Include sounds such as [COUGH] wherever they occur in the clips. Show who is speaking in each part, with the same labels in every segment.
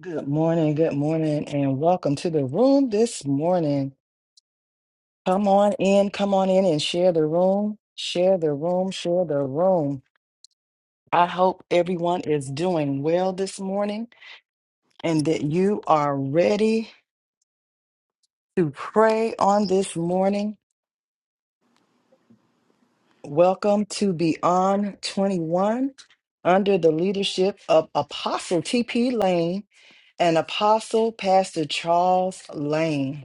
Speaker 1: Good morning, good morning, and welcome to the room this morning. Come on in, come on in and share the room, share the room, share the room. I hope everyone is doing well this morning and that you are ready to pray on this morning. Welcome to Beyond 21 under the leadership of Apostle TP Lane and Apostle Pastor Charles Lane.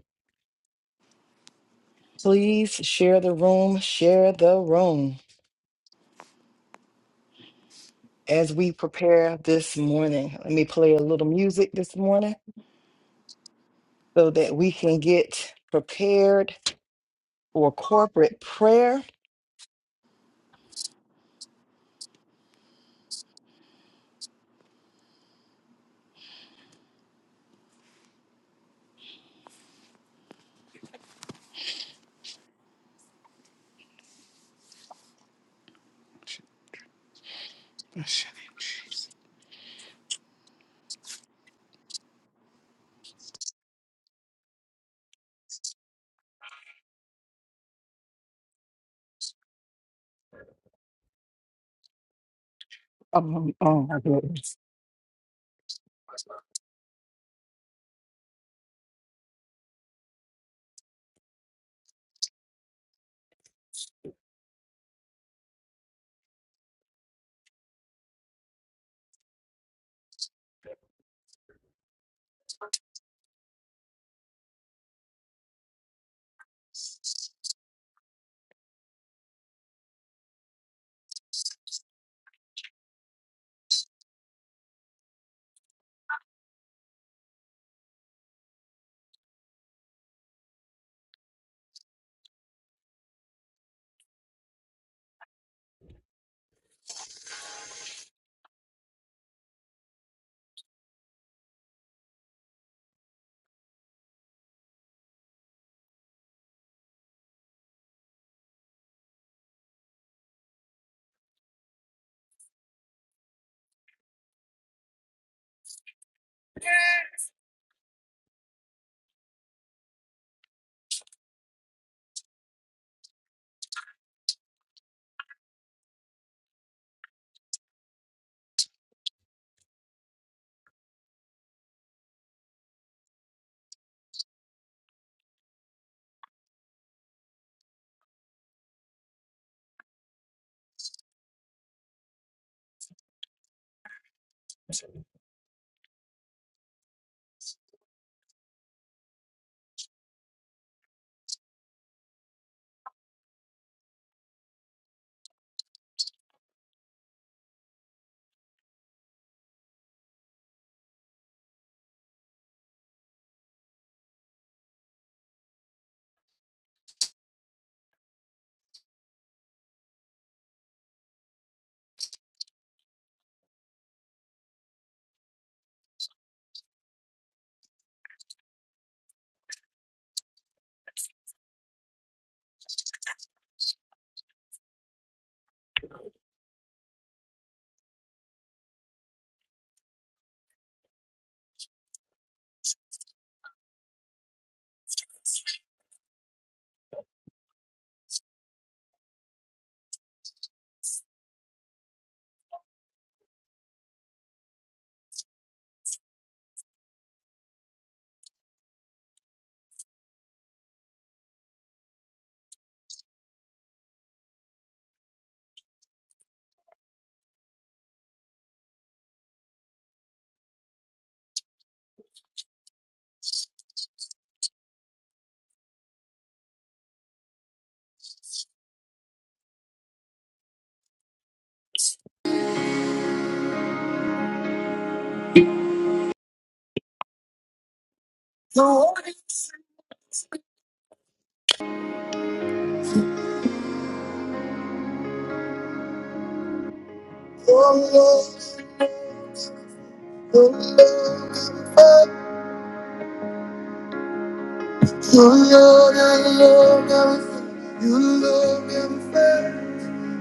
Speaker 1: Please share the room, share the room as we prepare this morning. Let me play a little music this morning so that we can get prepared for corporate prayer. Um, oh my goodness.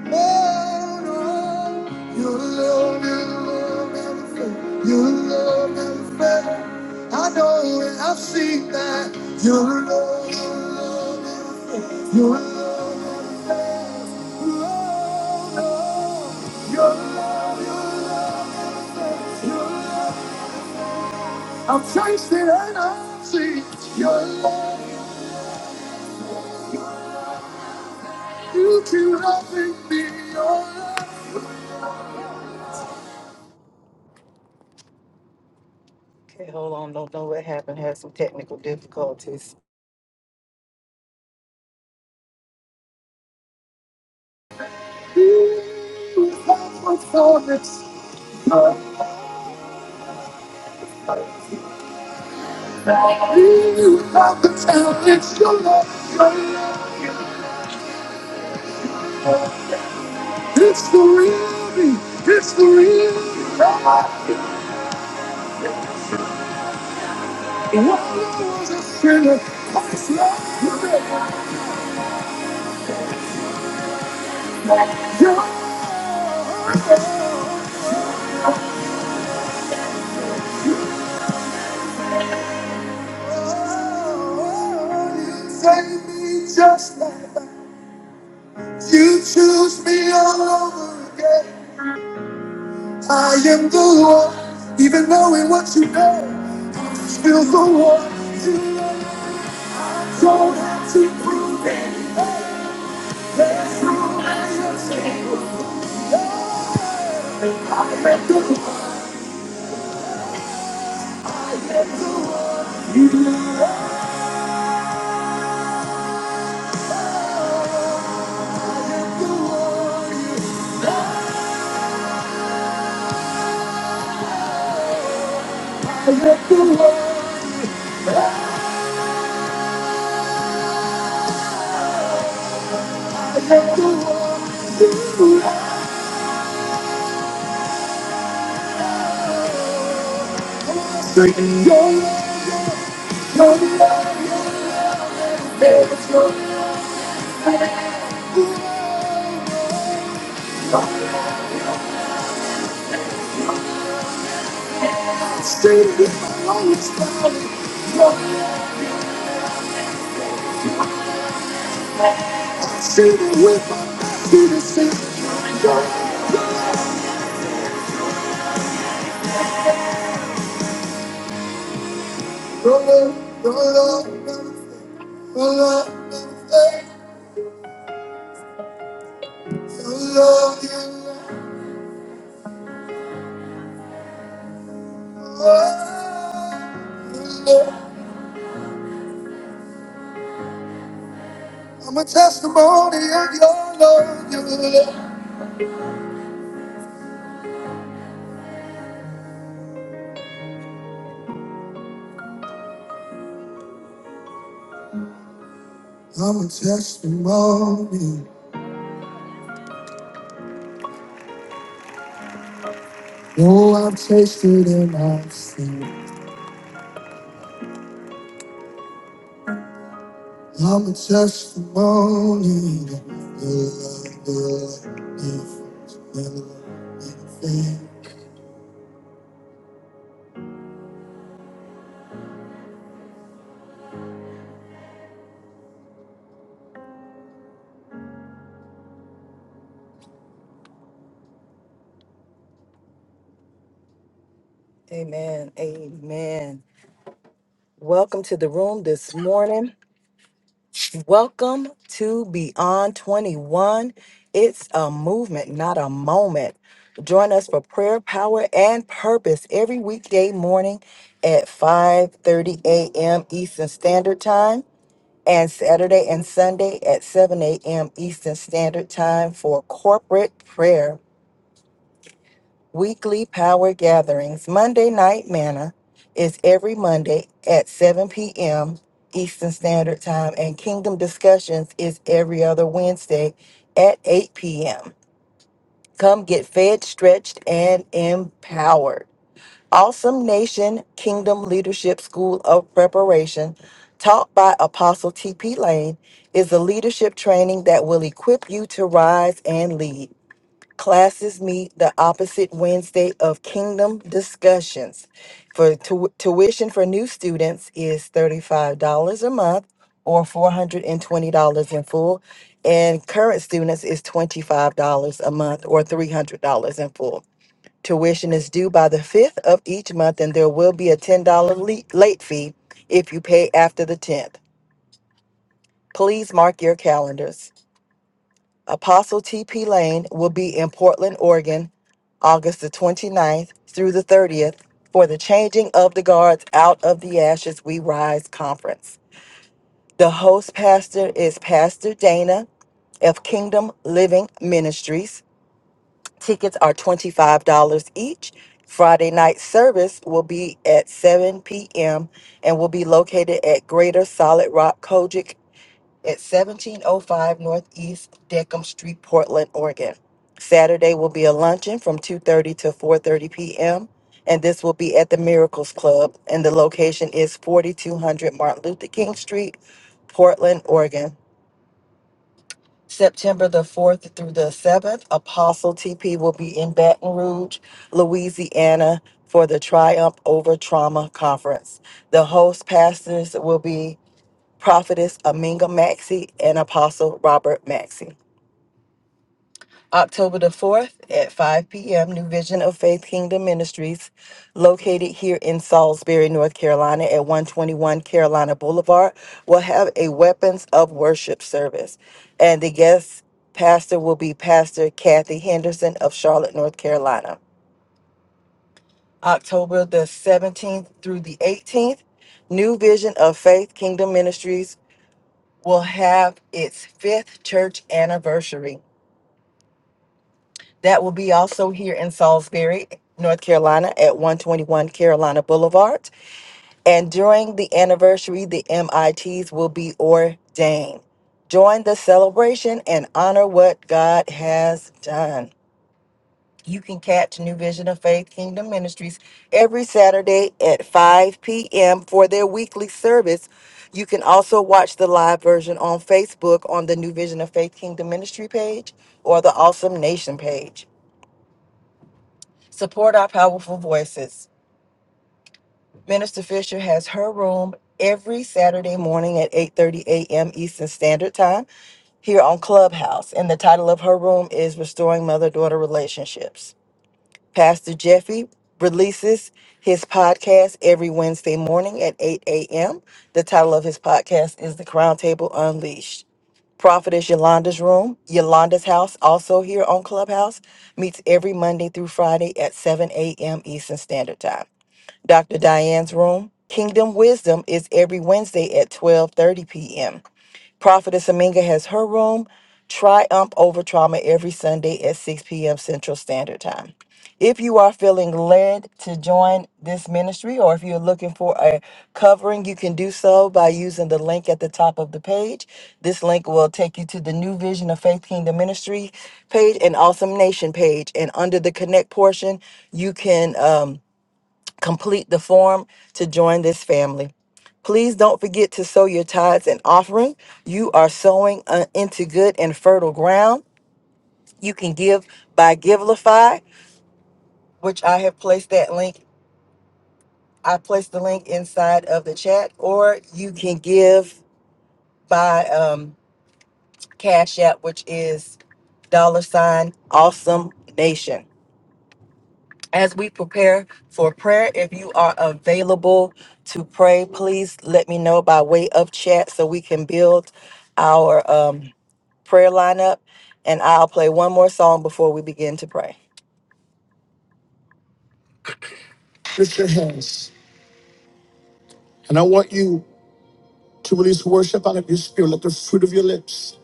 Speaker 1: Oh no, your love, your love never fails. Your love never fails. I know it, I've seen that. Your love, your love never fails. Your love never fails. Oh no, your love, your love never fails. Your love, I've tasted and I've seen your love. You keep loving me, your love. Okay, hold on. Don't know what happened. Had some technical difficulties. It's the real me. It's the real me. When I was a sinner, Christ loved me. Yeah. Save me just like that. You choose me all over again. I am the one, even knowing what you know, still the one you love. Don't have to prove it. There's no way I am the one, I am the one you love. I am the one, I am the one I am the one you love. Singing your love, your love, there's no way. Straight with my lungs, straight with my mind, to the same. Roll up, roll up, roll up, hey, roll up, yeah. Roll I'm a testimony of your love, your love. I'm a testimony. Oh, I've tasted and I've seen. I'm a testimony. that Your love, your love, difference, your love. your faith. Amen. Amen. Welcome to the room this morning. Welcome to Beyond 21. It's a movement, not a moment. Join us for prayer, power, and purpose every weekday morning at 5:30 a.m. Eastern Standard Time. and Saturday and Sunday at 7 a.m. Eastern Standard Time for corporate prayer. Weekly power gatherings. Monday Night Manna is every Monday at 7 p.m. Eastern Standard Time, and Kingdom Discussions is every other Wednesday at 8 p.m. Come get fed, stretched, and empowered. Awesome Nation Kingdom Leadership School of Preparation, taught by Apostle T.P. Lane, is a leadership training that will equip you to rise and lead. Classes meet the opposite Wednesday of Kingdom Discussions. For tu- tuition for new students is $35 a month or $420 in full, and current students is $25 a month or $300 in full. Tuition is due by the 5th of each month, and there will be a $10 le- late fee if you pay after the 10th. Please mark your calendars. Apostle T.P. Lane will be in Portland, Oregon, August the 29th through the 30th for the Changing of the Guards Out of the Ashes We Rise conference. The host pastor is Pastor Dana of Kingdom Living Ministries. Tickets are $25 each. Friday night service will be at 7 p.m. and will be located at Greater Solid Rock Kojic at 1705 Northeast Deckham Street, Portland, Oregon. Saturday will be a luncheon from 2:30 to 4:30 p.m. and this will be at the Miracles Club and the location is 4200 Martin Luther King Street, Portland, Oregon. September the 4th through the 7th, Apostle TP will be in Baton Rouge, Louisiana for the Triumph Over Trauma Conference. The host pastors will be Prophetess Aminga Maxey and Apostle Robert Maxey. October the 4th at 5 p.m., New Vision of Faith Kingdom Ministries, located here in Salisbury, North Carolina at 121 Carolina Boulevard, will have a Weapons of Worship service. And the guest pastor will be Pastor Kathy Henderson of Charlotte, North Carolina. October the 17th through the 18th, New Vision of Faith Kingdom Ministries will have its fifth church anniversary. That will be also here in Salisbury, North Carolina at 121 Carolina Boulevard. And during the anniversary, the MITs will be ordained. Join the celebration and honor what God has done. You can catch New Vision of Faith Kingdom Ministries every Saturday at 5 p.m. for their weekly service. You can also watch the live version on Facebook on the New Vision of Faith Kingdom Ministry page or the Awesome Nation page. Support our powerful voices. Minister Fisher has her room every Saturday morning at 8:30 a.m. Eastern Standard Time here on Clubhouse, and the title of her room is Restoring Mother Daughter Relationships. Pastor Jeffy releases his podcast every Wednesday morning at 8 a.m. The title of his podcast is The Crown Table Unleashed. Prophetess Yolanda's room, Yolanda's house, also here on Clubhouse, meets every Monday through Friday at 7 a.m. Eastern Standard Time. Dr. Diane's room. Kingdom Wisdom is every Wednesday at 12:30 p.m. Prophetess Aminga has her room. Triumph over trauma every Sunday at 6 p.m. Central Standard Time. If you are feeling led to join this ministry or if you're looking for a covering, you can do so by using the link at the top of the page. This link will take you to the New Vision of Faith Kingdom Ministry page and Awesome Nation page. And under the Connect portion, you can. Um, complete the form to join this family. Please don't forget to sow your tithes and offering. You are sowing uh, into good and fertile ground. You can give by Givelify, which I have placed that link. I placed the link inside of the chat, or you can give by um, Cash App, which is dollar sign awesome nation. as we prepare for prayer, if you are available to pray, please let me know by way of chat so we can build our um, prayer lineup. And I'll play one more song before we begin to pray. Lift your hands. And I want you to release worship out of your spirit. Let the fruit of your lips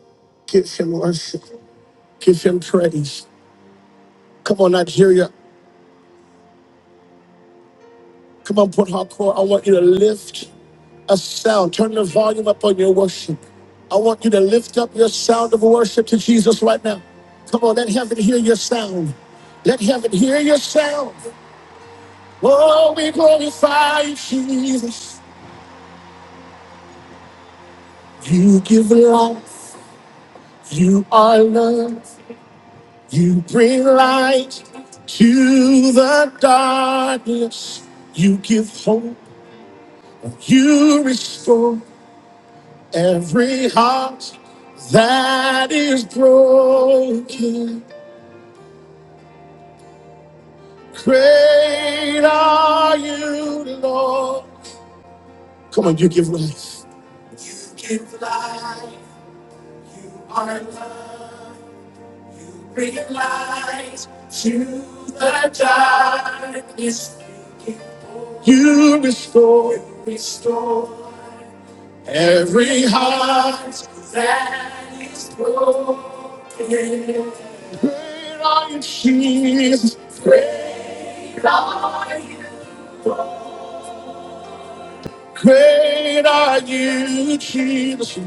Speaker 1: give him worship, give him praise. Come on, Nigeria. Come on, Port Harcourt. I want you to lift. a sound. Turn the volume up on your worship. I want you to lift up your sound of worship to Jesus right now. Come on, let heaven hear your sound. Let heaven hear your sound. Oh, we glorify you, Jesus. You give life. You are love. You bring light to the darkness. You give hope. You restore. Every heart that is broken, great are you, Lord. Come on, you give life. You give life. You are love. Bring light to the darkness. You restore, restore every heart that is broken. Great are you, Jesus. Great are you. Great are you, Jesus.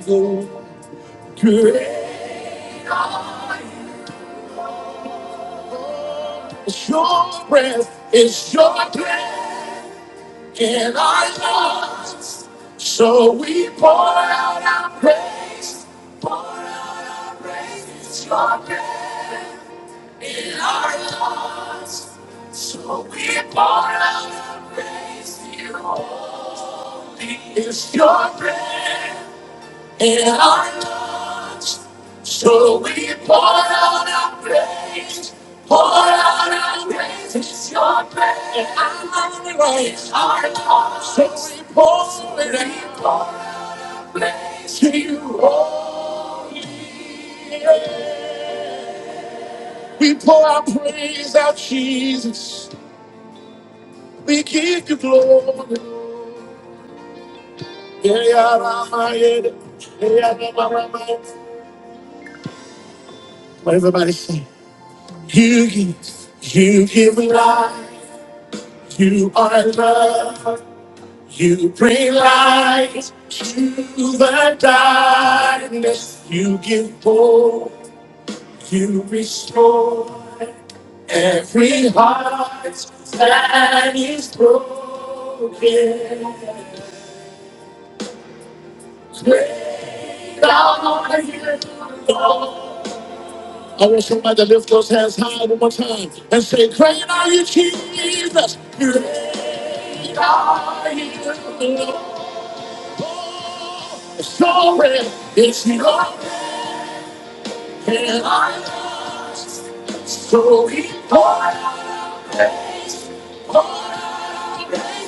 Speaker 1: Great are you. It's your breath, it's your breath in our lungs. So we pour out our praise, pour out our praise. It's your breath in our lungs. So we pour out our praise, dear Lord. It's your breath in our hearts. So we pour out our praise, pour out our praise. It's your praise. In our hearts, so we pour, we pour out our praise to you, holy. We pour our praise out, Jesus. We give you glory. Yeah, yeah, yeah, yeah, yeah, yeah, yeah, yeah. What everybody say? You give, you give life, you are love, you bring light to the darkness, you give hope, you restore every heart that is broken. Great are you, Lord. I want somebody to lift those hands high one more time and say, Great are you, Jesus. Great are you, Lord. Sorry, it's your and I lost. So he poured out and poured out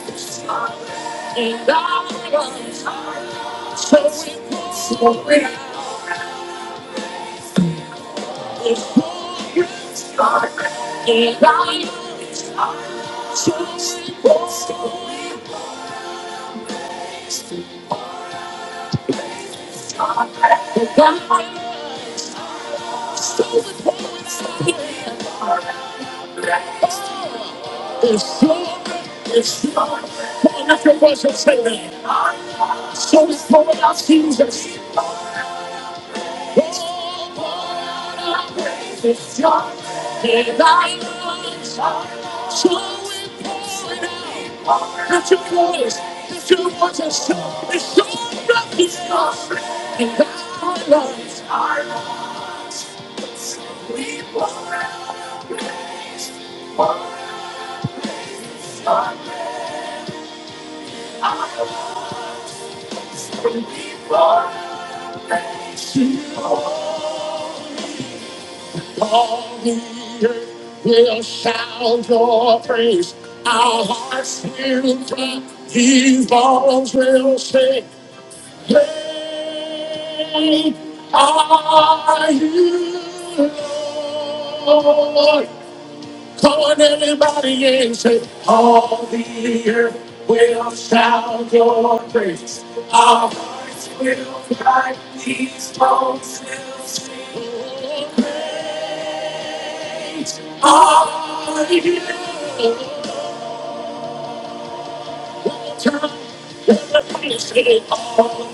Speaker 1: his and I was so we pour out. So for so Jesus. Oh, pour out our praises, Lord. Give thy praise, Lord. So we pour it out. Lift your voice. Lift your voice and shout. And shout that he's God. And thy praise, our Lord. We pour out our praise. Pour out our praise, Lord. Thank you, Lord. All the earth will shout your praise. Our hearts will clap. His balls will sing. Great are you, Lord. Come on, everybody, and say, All the earth will shout your praise. Our hearts will cry, these bones will sing your praise. Hallelujah we'll will will won't all all.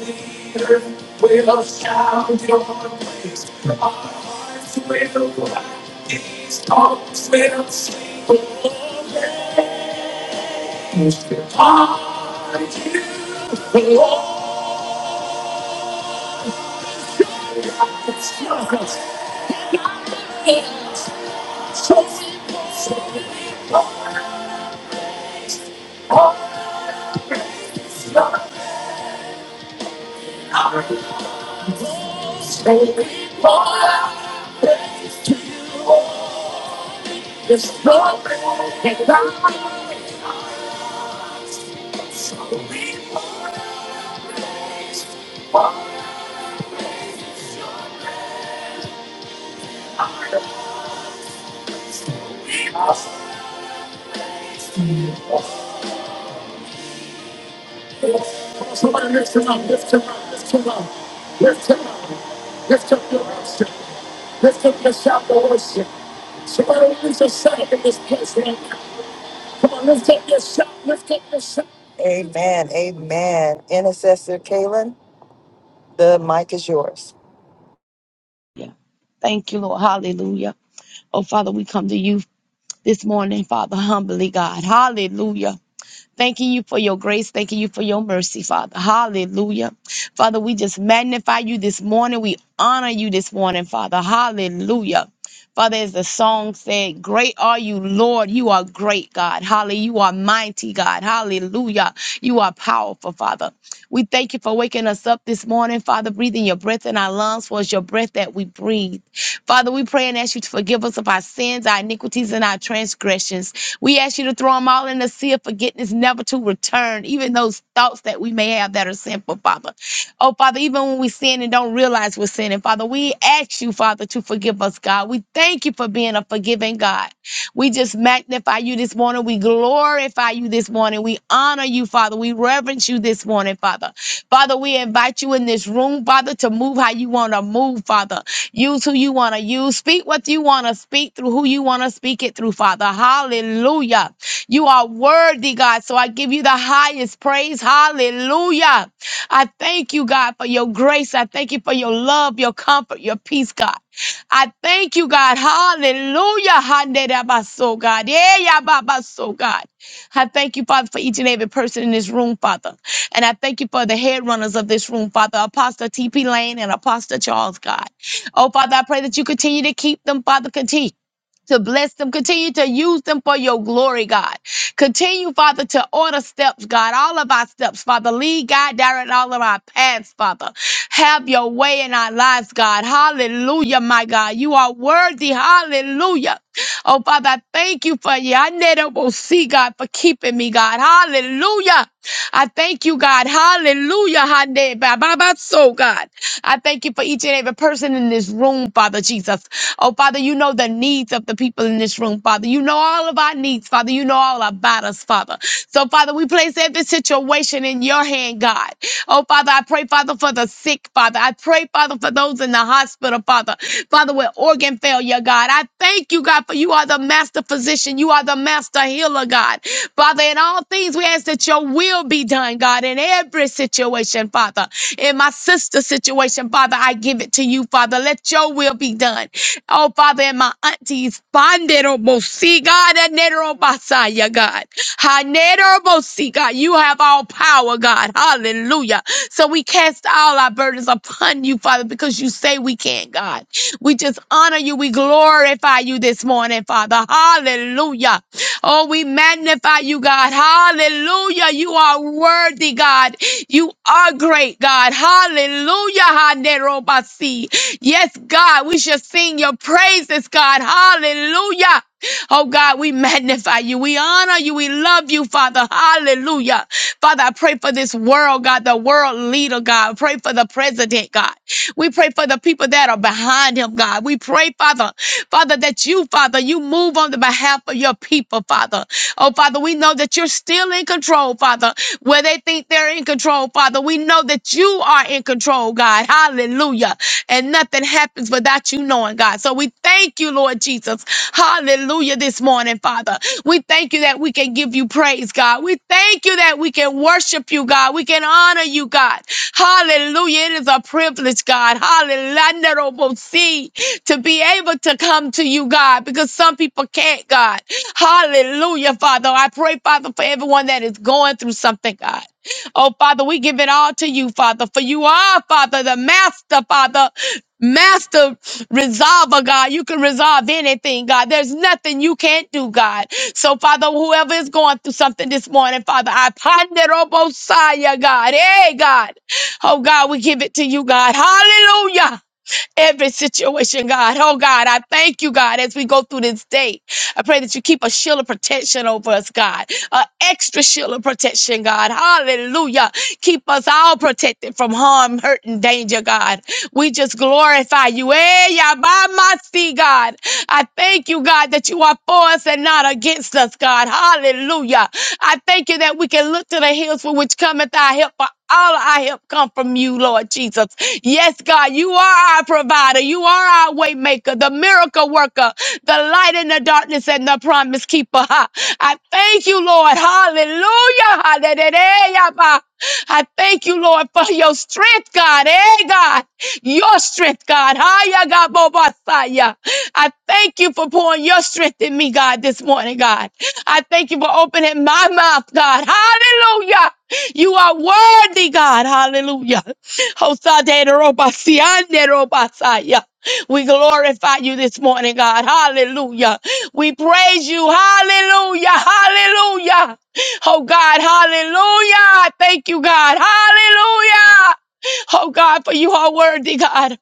Speaker 1: the earth will shout Your praise. our hearts will laugh. These tongues will sing for the are you, the Lord, It's yours. it's we're Thank you. It's broken. It's broken. Somebody lift him up, lift him up, lift him up, lift him up, lift up your worship, lift up your shout of worship. Somebody lift yourself in this place right now. Come on, lift up your shout, lift up your shout. Amen, amen. Intercessor Kaylin, the mic is yours.
Speaker 2: Yeah. Thank you, Lord. Hallelujah. Oh, Father, we come to you this morning, Father, humbly, God. Hallelujah. Thanking you for your grace. Thanking you for your mercy, Father. Hallelujah. Father, we just magnify you this morning. We honor you this morning, Father. Hallelujah. Father, as the song said, Great are you, Lord. You are great, God. Hallelujah. You are mighty, God. Hallelujah. You are powerful, Father. We thank you for waking us up this morning, Father, breathing your breath in our lungs, for it's your breath that we breathe. Father, we pray and ask you to forgive us of our sins, our iniquities, and our transgressions. We ask you to throw them all in the sea of forgiveness, never to return, even those thoughts that we may have that are sinful, Father. Oh, Father, even when we sin and don't realize we're sinning, Father, we ask you, Father, to forgive us, God. We thank you for being a forgiving God. We just magnify you this morning. We glorify you this morning. We honor you, Father. We reverence you this morning, Father. Father, we invite you in this room, Father, to move how you want to move, Father. Use who you want to use. Speak what you want to speak through who you want to speak it through, Father. Hallelujah. You are worthy, God. So I give you the highest praise. Hallelujah. I thank you, God, for your grace. I thank you for your love, your comfort, your peace, God. I thank you, God. Hallelujah. Handedabaso, God. Yeah, yeah, babaso, God. I thank you, Father, for each and every person in this room, Father. And I thank you for the head runners of this room, Father, Apostle T.P. Lane and Apostle Charles, God. Oh, Father, I pray that you continue to keep them, Father. Continue to bless them. Continue to use them for your glory, God. Continue, Father, to order steps, God, all of our steps, Father. Lead, God, direct all of our paths, Father. Have your way in our lives, God. Hallelujah, my God. You are worthy. Hallelujah. Oh, Father, I thank you for you. I never see God for keeping me, God. Hallelujah. I thank you, God. Hallelujah. Hande ba ba ba So, God. I thank you for each and every person in this room, Father Jesus. Oh, Father, you know the needs of the people in this room, Father. You know all of our needs, Father. You know all about us, Father. So, Father, we place every situation in your hand, God. Oh, Father, I pray, Father, for the sick, Father. I pray, pray, Father, for those in the hospital, Father. Father, with organ failure, God. I thank you, God, for you are the master physician. You are the master healer, God. Father, in all things, we ask that your will be done, God, in every situation, Father. In my sister's situation, Father, I give it to you, Father. Let your will be done. Oh, Father, and my aunties, Bandero Mosi, God, and Hanero Basaya, God. Hanero Mosi, God. You you have all power, God. Hallelujah. So we cast all our burdens upon you, Father, because you say we can't, God. We just honor you. We glorify you this morning, Father. Hallelujah. Oh, we magnify you, God. Hallelujah. You are worthy, God. You are great, God. Hallelujah. Hanerobasi. Yes, God, we shall sing your praises, God. Hallelujah. Oh God, we magnify you. We honor you. We love you, Father. Hallelujah. Father, I pray for this world, God, the world leader, God. Pray for the president, God. We pray for the people that are behind him, God. We pray, Father, Father, that you, Father, you move on the behalf of your people, Father. Oh, Father, we know that you're still in control, Father. Where they think they're in control, Father, we know that you are in control, God. Hallelujah and nothing happens without you knowing, God. So we thank you, Lord Jesus. Hallelujah this morning, Father. We thank you that we can give you praise, God. We thank you that we can worship you, God. We can honor you, God. Hallelujah. It is a privilege, God. Hallelujah. See, to be able to come to you, God, because some people can't, God. Hallelujah, Father. I pray, Father, for everyone that is going through something, God. Oh, Father, we give it all to you, Father, for you are, Father, the master, Father. Master resolver, God. You can resolve anything, God. There's nothing you can't do, God. So, Father, whoever is going through something this morning, Father, I ponder, oh, Messiah, God. Hey, God. Oh, God, we give it to you, God. Hallelujah every situation, God. Oh, God, I thank you, God, as we go through this day. I pray that you keep a shield of protection over us, God, an extra shield of protection, God. Hallelujah. Keep us all protected from harm, hurt, and danger, God. We just glorify you. Hey, Yabamasi, God. I thank you, God, that you are for us and not against us, God. Hallelujah. I thank you that we can look to the hills for which cometh our help. For all our help come from you from you, Lord Jesus. Yes, God, you are our provider. You are our way maker, the miracle worker, the light in the darkness and the promise keeper. Ha. I thank you, Lord. Hallelujah. Hallelujah. Ba. I thank you, Lord, for your strength, God. Hey, God, your strength, God. Hiya, God, Bobasaya. I thank you for pouring your strength in me, God, this morning, God. I thank you for opening my mouth, God. Hallelujah. You are worthy, God. Hallelujah. Hosaderobasianerobasaya. We glorify you this morning, God. Hallelujah. We praise you. Hallelujah. Hallelujah. Oh, God. Hallelujah. I Thank you, God. Hallelujah. Oh, God, for you are worthy, God.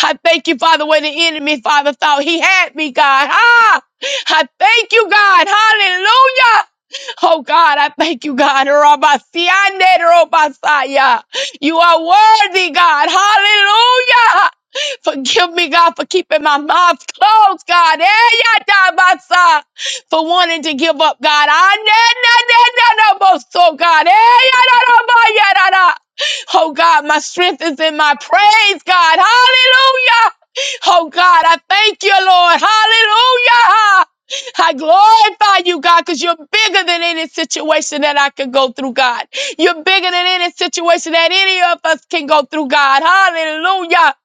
Speaker 2: I thank you, Father, when the enemy, Father, thought he had me, God. Ah, I thank you, God. Hallelujah. Oh God, I thank you, God. Rabasiande, Robasaya. You are worthy, God. Hallelujah. Forgive me, God, for keeping my mouth closed, God. Eh, yeah, da, ba, sa. For wanting to give up, God. I na, na, na, na, na, bo, So, God. Eh, yeah, da, da, ba, yeah, da, da. Oh, God, my strength is in my praise, God. Hallelujah. Oh, God, I thank you, Lord. Hallelujah. I glorify you, God, because you're bigger than any situation that I could go through, God. You're bigger than any situation that any of us can go through, God. Hallelujah.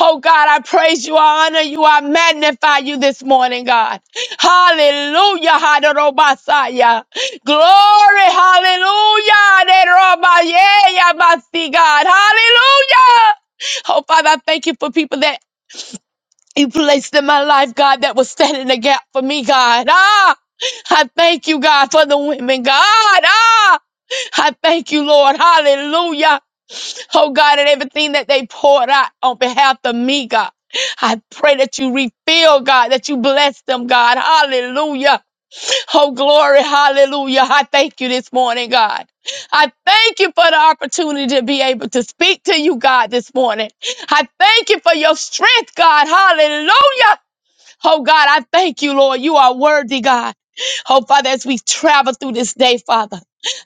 Speaker 2: Oh, God, I praise you. I honor you. I magnify you this morning, God. Hallelujah. Hadarobasaya. Glory. Hallelujah. Hadarobaya, yabasi, God. Hallelujah. Oh, Father, I thank you for people that you placed in my life, God, that was standing in the gap for me, God. Ah, I thank you, God, for the women, God. Ah, I thank you, Lord. Hallelujah. Oh, God, and everything that they poured out on behalf of me, God. I pray that you refill, God, that you bless them, God. Hallelujah. Oh, glory. Hallelujah. I thank you this morning, God. I thank you for the opportunity to be able to speak to you, God, this morning. I thank you for your strength, God. Hallelujah. Oh God, I thank you, Lord. You are worthy, God. Oh Father, as we travel through this day, Father.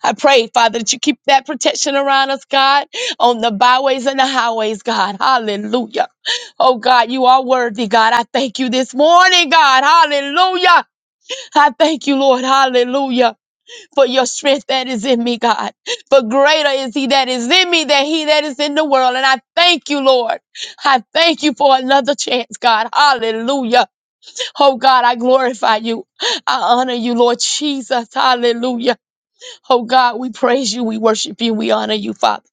Speaker 2: I pray, Father, that you keep that protection around us, God, on the byways and the highways, God. Hallelujah. Oh, God, you are worthy, God. I thank you this morning, God. Hallelujah. I thank you, Lord. Hallelujah. For your strength that is in me, God. For greater is he that is in me than he that is in the world. And I thank you, Lord. I thank you for another chance, God. Hallelujah. Oh God, I glorify you. I honor you, Lord Jesus. Hallelujah. Oh God, we praise you. We worship you. We honor you, Father.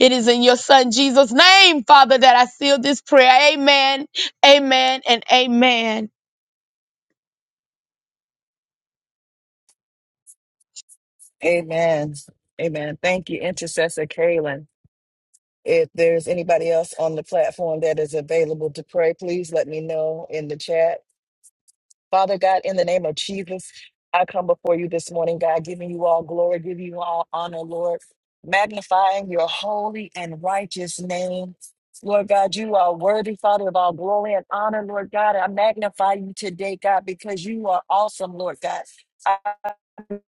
Speaker 2: It is in your Son Jesus' name, Father, that I seal this prayer. Amen. Amen and amen.
Speaker 1: Amen. Amen. Thank you, Intercessor Kaylin. If there's anybody else on the platform that is available to pray, please let me know in the chat. Father God, in the name of Jesus, I come before you this morning, God, giving you all glory, giving you all honor, Lord, magnifying your holy and righteous name. Lord God, you are worthy, Father, of all glory and honor, Lord God. I magnify you today, God, because you are awesome, Lord God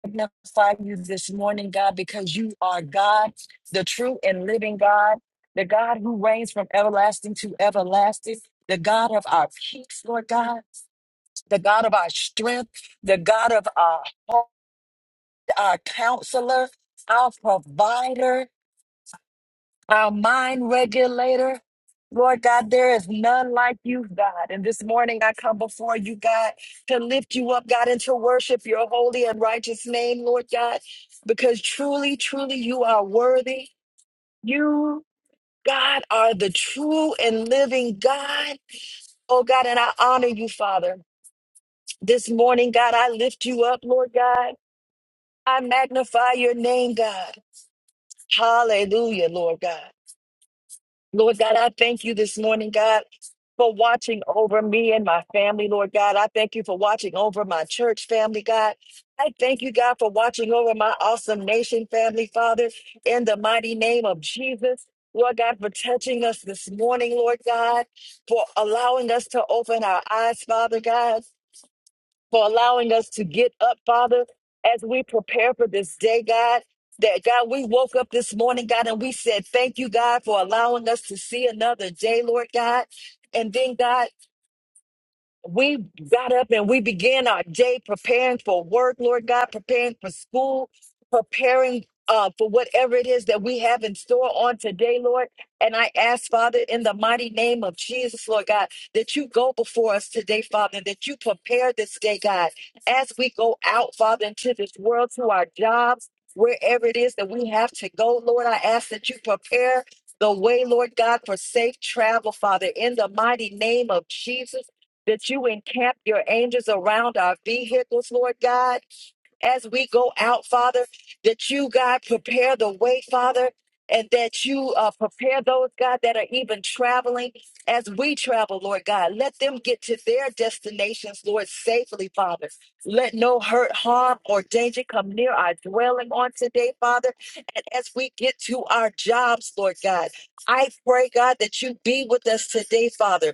Speaker 1: magnify you this morning, God, because you are God, the true and living God, the God who reigns from everlasting to everlasting, the God of our peace, Lord God, the God of our strength, the God of our hope, our counselor, our provider our mind regulator. Lord God, there is none like you, God. And this morning I come before you, God, to lift you up, God, and to worship your holy and righteous name, Lord God, because truly, truly you are worthy. You, God, are the true and living God. Oh, God, and I honor you, Father. This morning, God, I lift you up, Lord God. I magnify your name, God. Hallelujah, Lord God. Lord God, I thank you this morning, God, for watching over me and my family, Lord God. I thank you for watching over my church family, God. I thank you, God, for watching over my awesome nation family, Father, in the mighty name of Jesus. Lord God, for touching us this morning, Lord God, for allowing us to open our eyes, Father God for allowing us to get up, Father, as we prepare for this day, God. That God, we woke up this morning, God, and we said, Thank you, God, for allowing us to see another day, Lord God. And then, God, we got up and we began our day preparing for work, Lord God, preparing for school, preparing uh, for whatever it is that we have in store on today, Lord. And I ask, Father, in the mighty name of Jesus, Lord God, that you go before us today, Father, and that you prepare this day, God, as we go out, Father, into this world, to our jobs, wherever it is that we have to go, Lord. I ask that you prepare the way, Lord God, for safe travel, Father, in the mighty name of Jesus that you encamp your angels around our vehicles, Lord God, as we go out, Father, that you, God, prepare the way, Father, and that you uh, prepare those, God, that are even traveling as we travel, Lord God. Let them get to their destinations, Lord, safely, Father. Let no hurt, harm, or danger come near our dwelling on today, Father. And as we get to our jobs, Lord God, I pray, God, that you be with us today, Father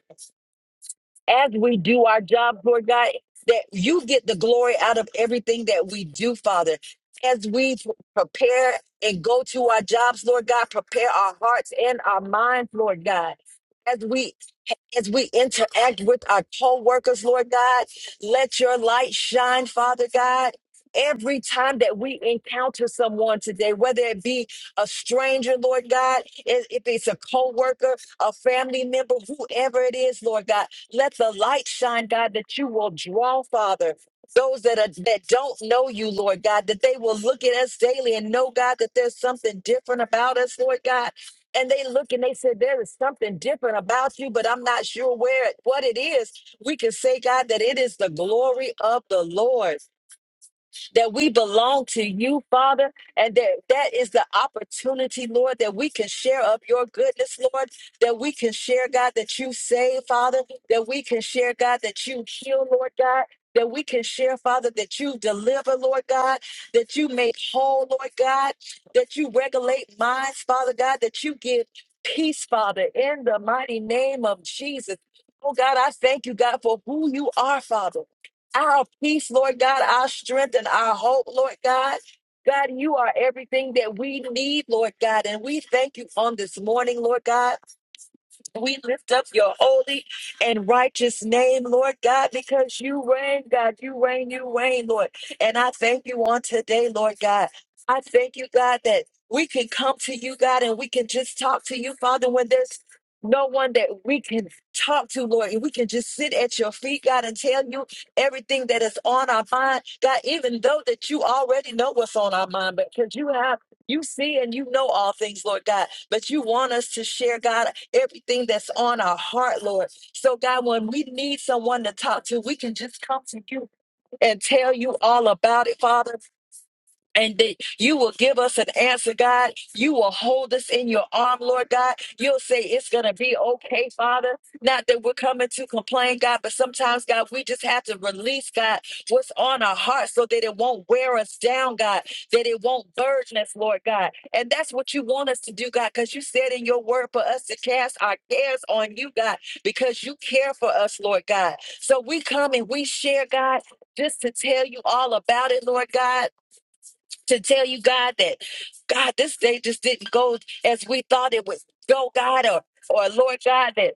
Speaker 1: as we do our jobs, Lord God, that you get the glory out of everything that we do, Father. As we p- prepare and go to our jobs, Lord God, prepare our hearts and our minds, Lord God. As we as we interact with our co-workers, Lord God, let your light shine, Father God. Every time that we encounter someone today, whether it be a stranger, Lord God, if if it's a co-worker, a family member, whoever it is, Lord God, let the light shine, God, that you will draw, Father. Those that are, that don't know you, Lord God, that they will look at us daily and know, God, that there's something different about us, Lord God. And they look and they said, There is something different about you, but I'm not sure where it, what it is. We can say, God, that it is the glory of the Lord that we belong to you, Father, and that that is the opportunity, Lord, that we can share of your goodness, Lord, that we can share, God, that you save, Father, that we can share, God, that you heal, Lord God. That we can share, Father, that you deliver, Lord God, that you make whole, Lord God, that you regulate minds, Father God, that you give peace, Father, in the mighty name of Jesus. Oh God, I thank you, God, for who you are, Father our peace, Lord God, our strength and our hope, Lord God. God, you are everything that we need, Lord God. And we thank you on this morning, Lord God. We lift up your holy and righteous name, Lord God, because you reign, God. You reign, you reign, Lord. And I thank you on today, Lord God. I thank you, God, that we can come to you, God, and we can just talk to you, Father, when there's no one that we can talk to, Lord, and we can just sit at your feet, God, and tell you everything that is on our mind, God, even though that you already know what's on our mind, but because you have. You see and you know all things, Lord God, but you want us to share, God, everything that's on our heart, Lord. So, God, when we need someone to talk to, we can just come to you and tell you all about it, Father and that you will give us an answer, God. You will hold us in your arm, Lord God. You'll say it's going to be okay, Father. Not that we're coming to complain, God, but sometimes, God, we just have to release, God, what's on our heart so that it won't wear us down, God, that it won't burden us, Lord God. And that's what you want us to do, God, because you said in your word for us to cast our cares on you, God, because you care for us, Lord God. So we come and we share, God, just to tell you all about it, Lord God to tell you, God, that God, this day just didn't go as we thought it would go, God, or or Lord God, that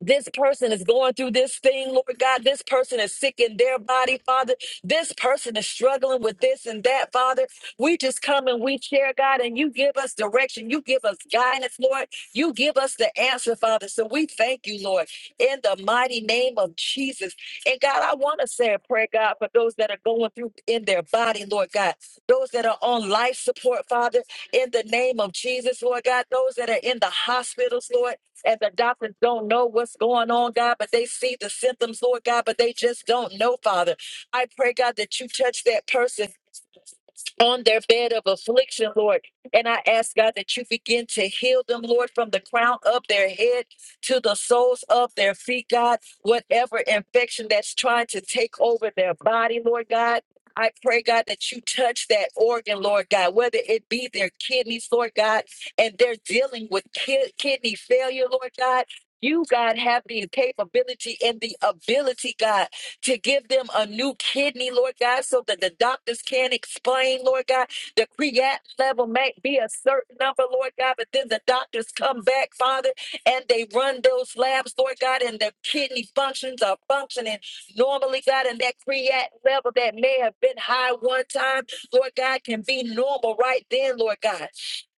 Speaker 1: this person is going through this thing, Lord God. This person is sick in their body, Father. This person is struggling with this and that, Father. We just come and we share, God, and you give us direction. You give us guidance, Lord. You give us the answer, Father. So we thank you, Lord, in the mighty name of Jesus. And God, I want to say a prayer, God, for those that are going through in their body, Lord God. Those that are on life support, Father, in the name of Jesus, Lord God. Those that are in the hospitals, Lord and the doctors don't know what's going on, God, but they see the symptoms, Lord God, but they just don't know, Father. I pray, God, that you touch that person on their bed of affliction, Lord. And I ask God that you begin to heal them, Lord, from the crown of their head to the soles of their feet, God. Whatever infection that's trying to take over their body, Lord God. I pray, God, that you touch that organ, Lord God, whether it be their kidneys, Lord God, and they're dealing with ki- kidney failure, Lord God. You, God, have the capability and the ability, God, to give them a new kidney, Lord God, so that the doctors can't explain, Lord God. The creatinine level may be a certain number, Lord God, but then the doctors come back, Father, and they run those labs, Lord God, and the kidney functions are functioning normally, God, and that creatinine level that may have been high one time, Lord God, can be normal right then, Lord God.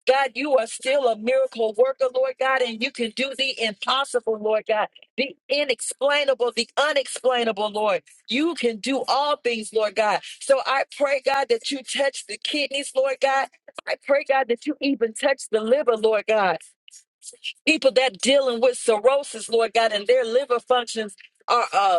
Speaker 1: God, you are still a miracle worker, Lord God, and you can do the impossible, Lord God, the inexplainable, the unexplainable, Lord. You can do all things, Lord God. So I pray, God, that you touch the kidneys, Lord God. I pray, God, that you even touch the liver, Lord God. People that dealing with cirrhosis, Lord God, and their liver functions are uh,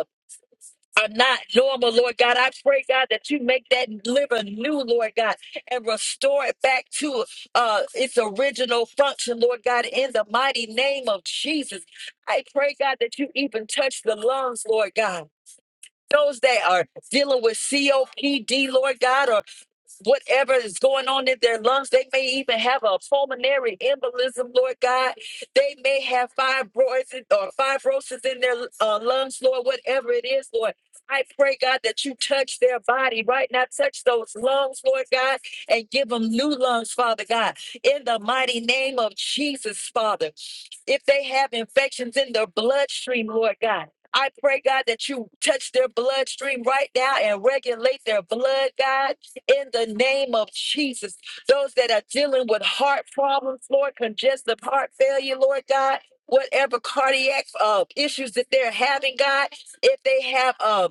Speaker 1: are not normal, Lord God. I pray, God, that you make that liver new, Lord God, and restore it back to uh, its original function, Lord God, in the mighty name of Jesus. I pray, God, that you even touch the lungs, Lord God. Those that are dealing with COPD, Lord God, whatever is going on in their lungs. They may even have a pulmonary embolism, Lord God. They may have fibroids or fibrosis in their uh, lungs, Lord, whatever it is, Lord. I pray, God, that you touch their body right now. Touch those lungs, Lord God, and give them new lungs, Father God, in the mighty name of Jesus, Father. If they have infections in their bloodstream, Lord God, I pray, God, that you touch their bloodstream right now and regulate their blood, God in the name of Jesus. Those that are dealing with heart problems, Lord, congestive heart failure, Lord God, whatever cardiac uh, issues that they're having, God, if they have uh,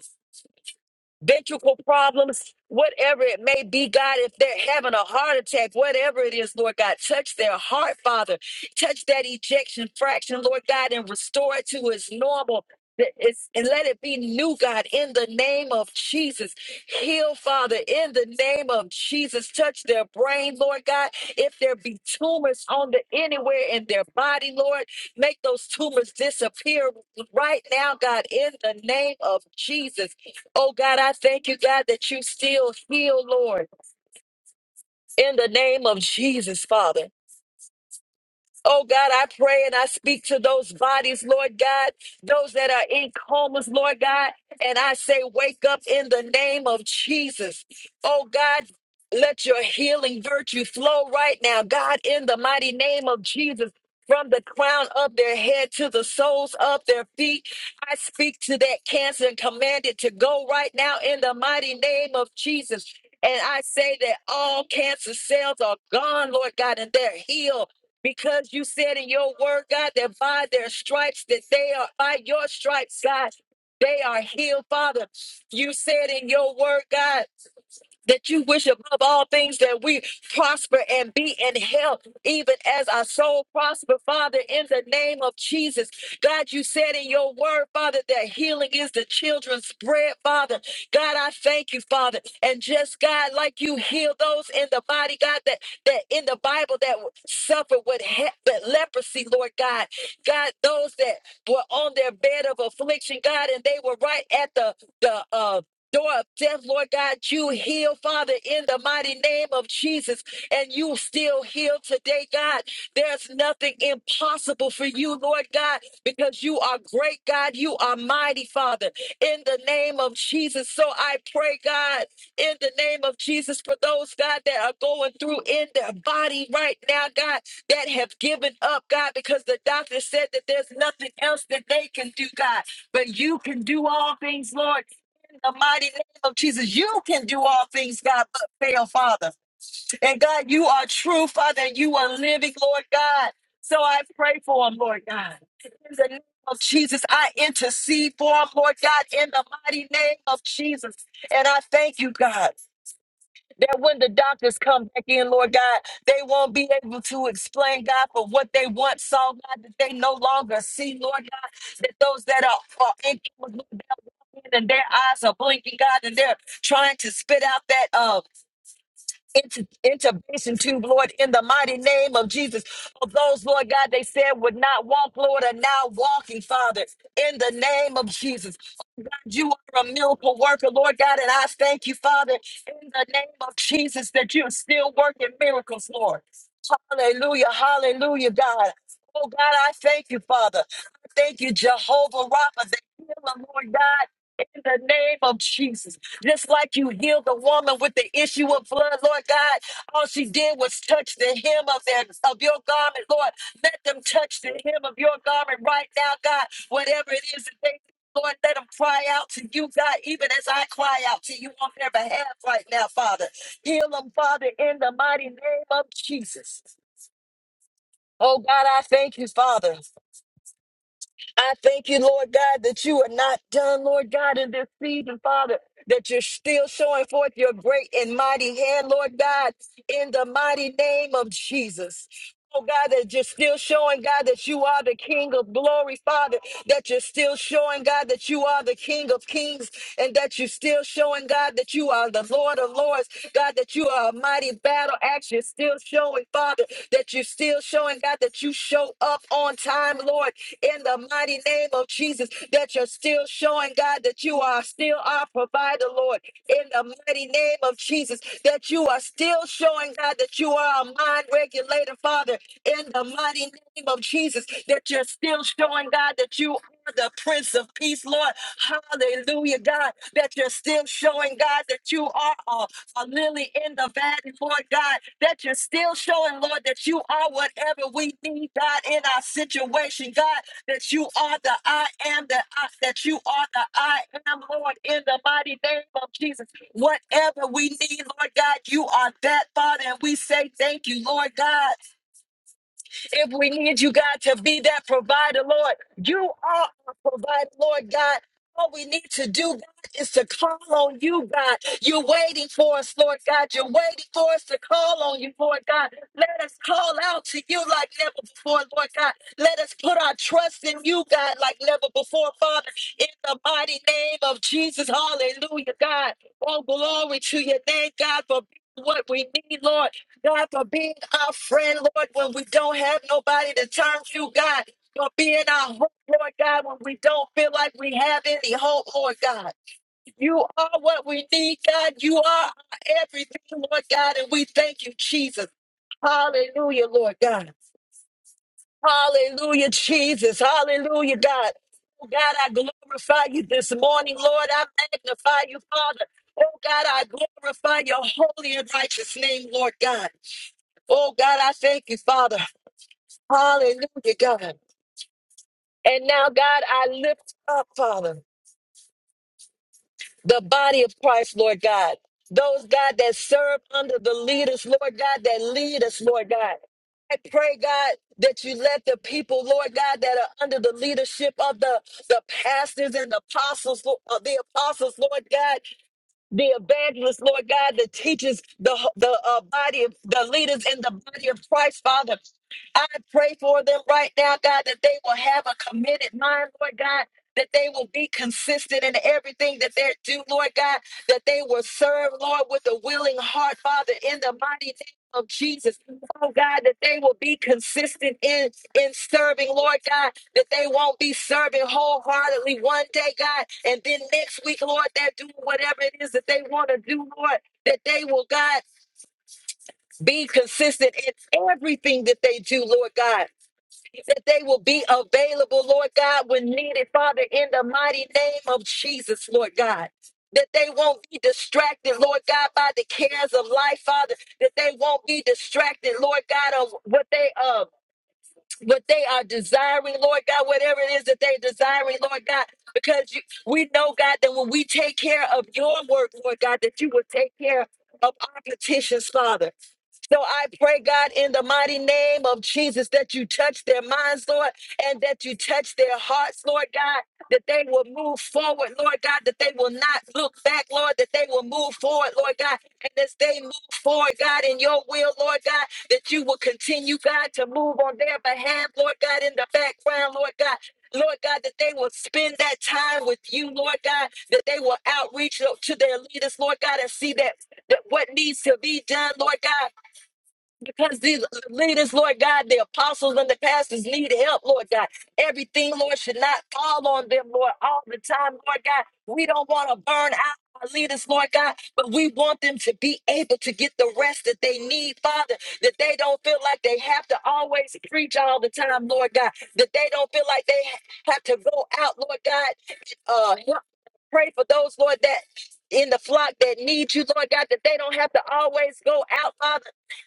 Speaker 1: ventricle problems, whatever it may be, God, if they're having a heart attack, whatever it is, Lord God, touch their heart, Father. Touch that ejection fraction, Lord God, and restore it to its normal. that It's, and let it be new, God, in the name of Jesus. Heal, Father, in the name of Jesus. Touch their brain, Lord God. If there be tumors on the anywhere in their body, Lord, make those tumors disappear right now, God, in the name of Jesus. Oh God, I thank you, God, that you still heal, Lord, in the name of Jesus, Father. Oh God, I pray and I speak to those bodies, Lord God, those that are in comas, Lord God, and I say, wake up in the name of Jesus. Oh God, let your healing virtue flow right now, God, in the mighty name of Jesus. From the crown of their head to the soles of their feet, I speak to that cancer and command it to go right now in the mighty name of Jesus. And I say that all cancer cells are gone, Lord God, and they're healed because you said in your word, God, that by their stripes, that they are by your stripes, God, they are healed, Father. You said in your word, God that you wish above all things that we prosper and be in health, even as our soul prosper, Father, in the name of Jesus. God, you said in your word, Father, that healing is the children's bread, Father. God, I thank you, Father. And just God, like you heal those in the body, God, that, that in the Bible that suffer with he- with leprosy, Lord God. God, those that were on their bed of affliction, God, and they were right at the the uh door of death, Lord God, you heal, Father, in the mighty name of Jesus, and you still heal today, God. There's nothing impossible for you, Lord God, because you are great, God. You are mighty, Father, in the name of Jesus. So I pray, God, in the name of Jesus, for those, God, that are going through in their body right now, God, that have given up, God, because the doctor said that there's nothing else that they can do, God, but you can do all things, Lord the mighty name of Jesus, you can do all things, God, but fail, Father. And God, you are true, Father, and you are living, Lord God. So I pray for him, Lord God. In the name of Jesus, I intercede for him, Lord God, in the mighty name of Jesus. And I thank you, God. That when the doctors come back in, Lord God, they won't be able to explain, God, for what they once saw, God, that they no longer see, Lord God, that those that are, are incapable, and their eyes are blinking, God, and they're trying to spit out that uh inter- intervention tube, Lord, in the mighty name of Jesus. Of those, Lord God, they said would not walk, Lord, are now walking, Father, in the name of Jesus. Oh, God, you are a miracle worker, Lord God, and I thank you, Father, in the name of Jesus, that you're still working miracles, Lord. Hallelujah, hallelujah, God. Oh, God, I thank you, Father. I thank you, Jehovah Rapha, the healer, Lord God, in the name of Jesus. Just like you healed the woman with the issue of blood, Lord God, all she did was touch the hem of their of your garment, Lord. Let them touch the hem of your garment right now, God. Whatever it is that they do, Lord, let them cry out to you, God, even as I cry out to you on their behalf right now, Father. Heal them, Father, in the mighty name of Jesus. Oh God, I thank you, Father. I thank you, Lord God, that you are not done, Lord God, in this season, Father, that you're still showing forth your great and mighty hand, Lord God, in the mighty name of Jesus. Oh God, that you're still showing, God, that you are the King of glory, Father, that you're still showing, God, that you are the King of kings, and that you're still showing, God, that you are the Lord of lords, God, that you are a mighty battle battle axe, you're still showing, Father, that you're still showing, God, that you show up on time, Lord, in the mighty name of Jesus, that you're still showing, God, that you are still our provider, Lord, in the mighty name of Jesus, that you are still showing, God, that you are a mind regulator, Father, in the mighty name of Jesus, that you're still showing, God, that you are the Prince of Peace, Lord, Lord. Hallelujah, God, that you're still showing, God, that you are a, a lily in the valley, Lord God, that you're still showing, Lord, that you are whatever we need, God, in our situation, God, that you are the I am, that I, that you are the I am, Lord, in the mighty name of Jesus. Whatever we need, Lord God, you are that, Father, and we say thank you, Lord God. If we need you, God, to be that provider, Lord, you are our provider, Lord God. All we need to do, God, is to call on you, God. You're waiting for us, Lord God. You're waiting for us to call on you, Lord God. Let us call out to you like never before, Lord God. Let us put our trust in you, God, like never before, Father. In the mighty name of Jesus, hallelujah, God. Oh, glory to your name, God, for being what we need, Lord. God, for being our friend, Lord, when we don't have nobody to turn to, God, for being our hope, Lord God, when we don't feel like we have any hope, Lord God. You are what we need, God. You are our everything, Lord God, and we thank you, Jesus. Hallelujah, Lord God. Hallelujah, Jesus. Hallelujah, God. Oh, God, I glorify you this morning, Lord. I magnify you, Father. Oh God, I glorify your holy and righteous name, Lord God. Oh God, I thank you, Father. Hallelujah, God. And now, God, I lift up, Father, the body of Christ, Lord God. Those, God, that serve under the leaders, Lord God, that lead us, Lord God. I pray, God, that you let the people, Lord God, that are under the leadership of the, the pastors and the apostles, Lo- of the apostles, Lord God. the evangelists, Lord God, the teachers, the the uh, body of the leaders in the body of Christ, Father. I pray for them right now, God, that they will have a committed mind, Lord God, that they will be consistent in everything that they do, Lord God, that they will serve, Lord, with a willing heart, Father, in the mighty name of Jesus. Oh God, that they will be consistent in in serving, Lord God, that they won't be serving wholeheartedly one day, God, and then next week, Lord, they're doing whatever it is that they want to do, Lord, that they will, God, be consistent in everything that they do, Lord God that they will be available, Lord God, when needed, Father, in the mighty name of Jesus, Lord God. That they won't be distracted, Lord God, by the cares of life, Father. That they won't be distracted, Lord God, of what they uh what they are desiring, Lord God, whatever it is that they're desiring, Lord God, because you, we know, God, that when we take care of your work, Lord God, that you will take care of our petitions, Father so I pray, God, in the mighty name of Jesus, that you touch their minds, Lord, and that you touch their hearts, Lord God, that they will move forward, Lord God, that they will not look back, Lord, that they will move forward, Lord God, and as they move forward, God, in your will, Lord God, that you will continue, God, to move on their behalf, Lord God, in the background, Lord God. Lord God, that they will spend that time with you, Lord God, that they will outreach to their leaders, Lord God, and see that, that what needs to be done, Lord God, because these leaders, Lord God, the apostles and the pastors need help, Lord God. Everything, Lord, should not fall on them, Lord, all the time, Lord God. We don't want to burn out our leaders, Lord God, but we want them to be able to get the rest that they need, Father, that they don't feel like they have to always preach all the time, Lord God, that they don't feel like they ha- have to go out, Lord God, uh, help pray for those, Lord, that in the flock that need you, Lord God, that they don't have to always go out, Father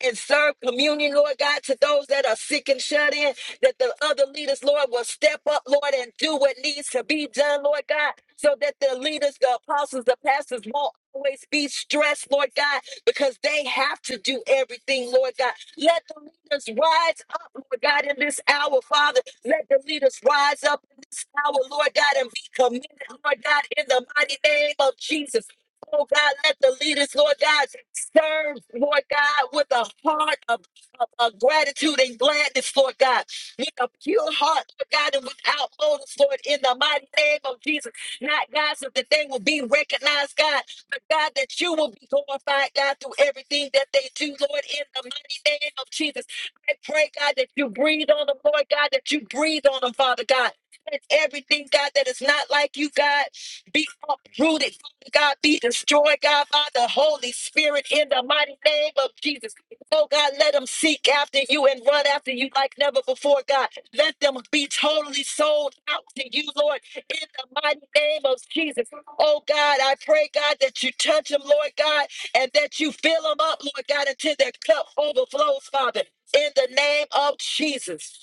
Speaker 1: and serve communion, Lord God, to those that are sick and shut in, that the other leaders, Lord, will step up, Lord, and do what needs to be done, Lord God, so that the leaders, the apostles, the pastors won't always be stressed, Lord God, because they have to do everything, Lord God. Let the leaders rise up, Lord God, in this hour, Father. Let the leaders rise up in this hour, Lord God, and be committed, Lord God, in the mighty name of Jesus. Oh God, let the leaders, Lord God, serve, Lord God, with a heart of, of, of gratitude and gladness, Lord God, with a pure heart, Lord God, and without motives, Lord, in the mighty name of Jesus. Not, God, so that they will be recognized, God, but God, that you will be glorified, God, through everything that they do, Lord, in the mighty name of Jesus. I pray, God, that you breathe on them, Lord God, that you breathe on them, Father God. Let everything, God, that is not like you, God, be uprooted, God, be destroyed, God, by the Holy Spirit in the mighty name of Jesus. Oh, God, let them seek after you and run after you like never before, God. Let them be totally sold out to you, Lord, in the mighty name of Jesus. Oh, God, I pray, God, that you touch them, Lord God, and that you fill them up, Lord God, until their cup overflows, Father, in the name of Jesus.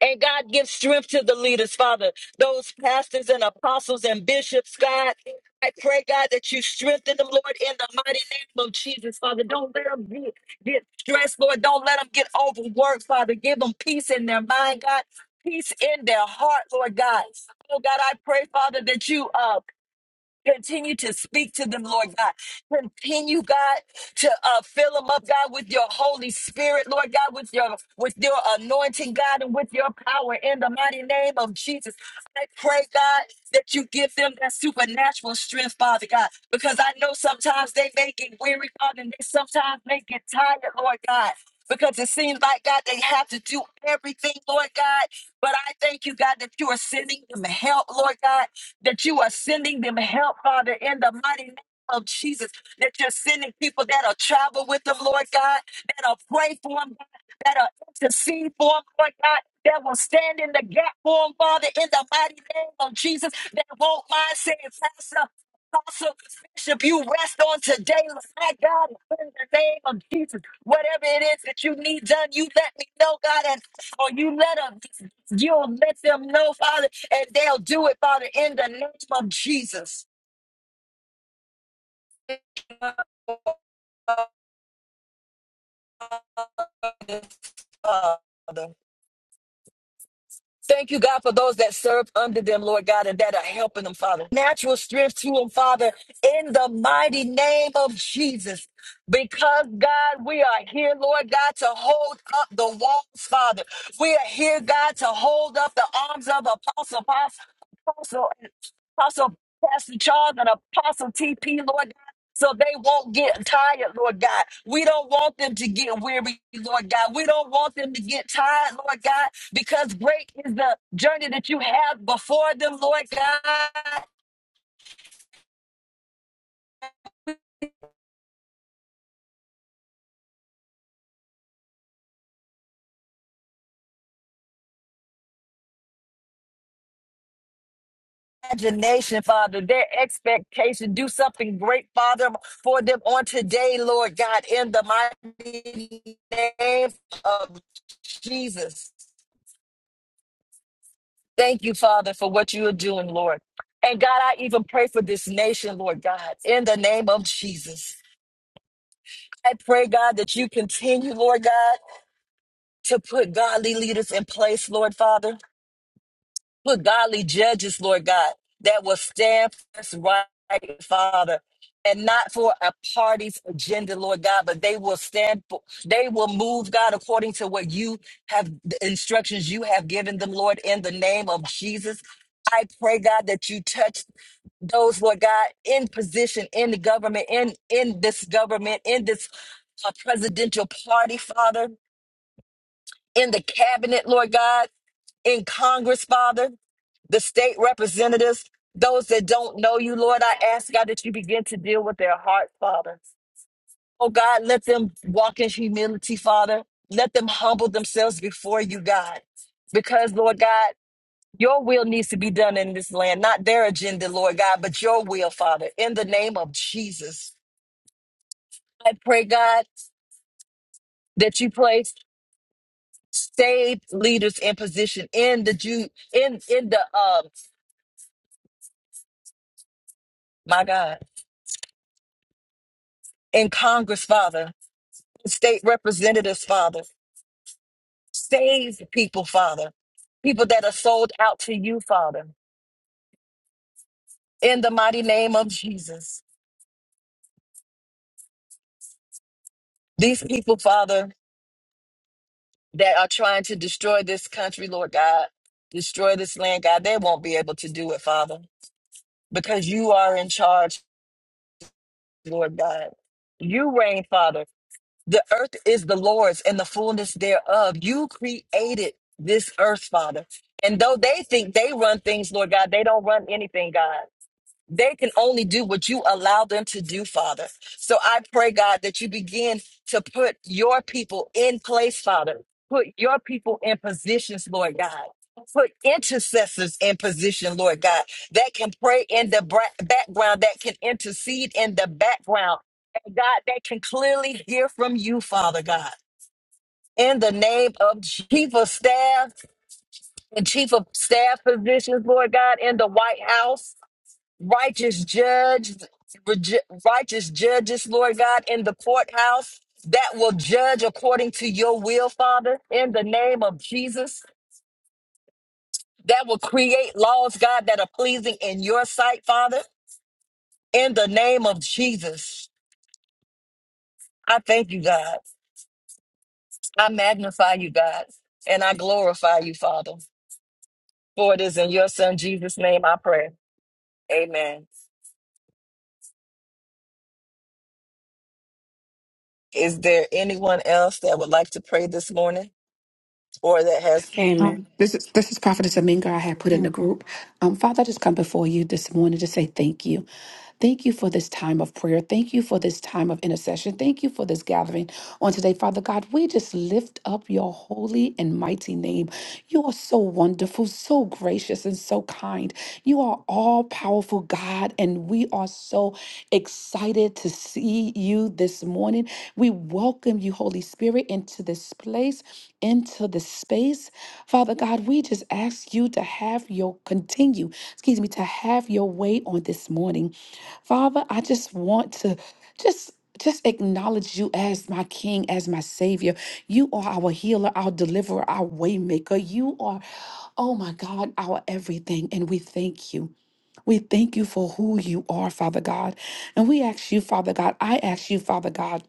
Speaker 1: And God gives strength to the leaders, Father, those pastors and apostles and bishops, God. I pray, God, that you strengthen them, Lord, in the mighty name of Jesus, Father. Don't let them get, get stressed, Lord. Don't let them get overworked, Father. Give them peace in their mind, God. Peace in their heart, Lord God. Oh, God, I pray, Father, that you uh, Continue to speak to them, Lord God. Continue, God, to uh, fill them up, God, with your Holy Spirit, Lord God, with your with your anointing, God, and with your power in the mighty name of Jesus. I pray, God, that you give them that supernatural strength, Father God, because I know sometimes they may get weary, Father, and they sometimes may get tired, Lord God. Because it seems like, God, they have to do everything, Lord God. But I thank you, God, that you are sending them help, Lord God that you are sending them help, Father, in the mighty name of Jesus, that you're sending people that'll travel with them, Lord God, that'll pray for them, God, that'll intercede for them, Lord God, that will stand in the gap for them, Father, in the mighty name of Jesus, that won't mind saying, Pastor, Apostle, Bishop, you rest on today, my God, in the name of Jesus. Whatever it is that you need done, you let me know, God, and or you let them, you'll let them know, Father, and they'll do it, Father, in the name of Jesus, Father. Thank you, God, for those that serve under them, Lord God, and that are helping them, Father. Natural strength to them, Father, in the mighty name of Jesus. Because, God, we are here, Lord God, to hold up the walls, Father. We are here, God, to hold up the arms of Apostle, Apostle, Apostle, Apostle Pastor Charles and Apostle TP, Lord so they won't get tired, Lord God. We don't want them to get weary, Lord God. We don't want them to get tired, Lord God, because great is the journey that you have before them, Lord God. Imagination, Father, their expectation. Do something great, Father, for them on today, Lord God, in the mighty name of Jesus. Thank you, Father, for what you are doing, Lord. And God, I even pray for this nation, Lord God, in the name of Jesus. I pray, God, that you continue, Lord God, to put godly leaders in place, Lord Father. Put godly judges, Lord God, that will stand for us right, Father. And not for a party's agenda, Lord God, but they will stand for, they will move, God, according to what you have, the instructions you have given them, Lord, in the name of Jesus. I pray, God, that you touch those Lord God in position in the government, in in this government, in this uh, presidential party, Father, in the cabinet, Lord God, in Congress, Father, the state representatives, those that don't know you, Lord, I ask God that you begin to deal with their hearts, Father. Oh God, let them walk in humility, Father. Let them humble themselves before you, God. Because, Lord God. Your will needs to be done in this land, not their agenda, Lord God, but your will, Father, in the name of Jesus. I pray, God, that you place saved leaders in position in the Jew, in in the um, my God, in Congress, Father, state representatives, Father, saved people, Father, people that are sold out to you, Father, in the mighty name of Jesus. These people, Father, that are trying to destroy this country, Lord God, destroy this land, God, they won't be able to do it, Father, because you are in charge, Lord God. You reign, Father. The earth is the Lord's and the fullness thereof. You created this earth, Father. And though they think they run things, Lord God, they don't run anything, God. They can only do what you allow them to do, Father. So I pray, God, that you begin to put your people in place, Father. Put your people in positions, Lord God. Put intercessors in position, Lord God, that can pray in the bra- background, that can intercede in the background. And God, that can clearly hear from you, Father God. In the name of chief of staff and chief of staff positions, Lord God, in the White House righteous judge, reju- righteous judges, Lord God, in the courthouse that will judge according to your will, Father, in the name of Jesus, that will create laws, God, that are pleasing in your sight, Father, in the name of Jesus. I thank you, God. I magnify you, God, and I glorify you, Father. For it is in your Son, Jesus' name, I pray. Amen. Is there anyone else that would like to pray this morning or that has?
Speaker 3: Amen.
Speaker 4: Um, this is this is Prophetess Aminga I had put in the
Speaker 3: Amen.
Speaker 4: group. Um, Father, I just come before you this morning to say thank you. Thank you for this time of prayer. Thank you for this time of intercession. Thank you for this gathering on today, Father God. We just lift up your holy and mighty name. You are so wonderful, so gracious, and so kind. You are all powerful, God, and we are so excited to see you this morning. We welcome you, Holy Spirit, into this place to this space. Father God, we just ask you to have your continue, excuse me, to have your way on this morning. Father, I just want to just just acknowledge you as my king, as my savior. You are our healer, our deliverer, our waymaker. You are, oh my God, our everything. And we thank you. We thank you for who you are, Father God. And we ask you, Father God, I ask you, Father God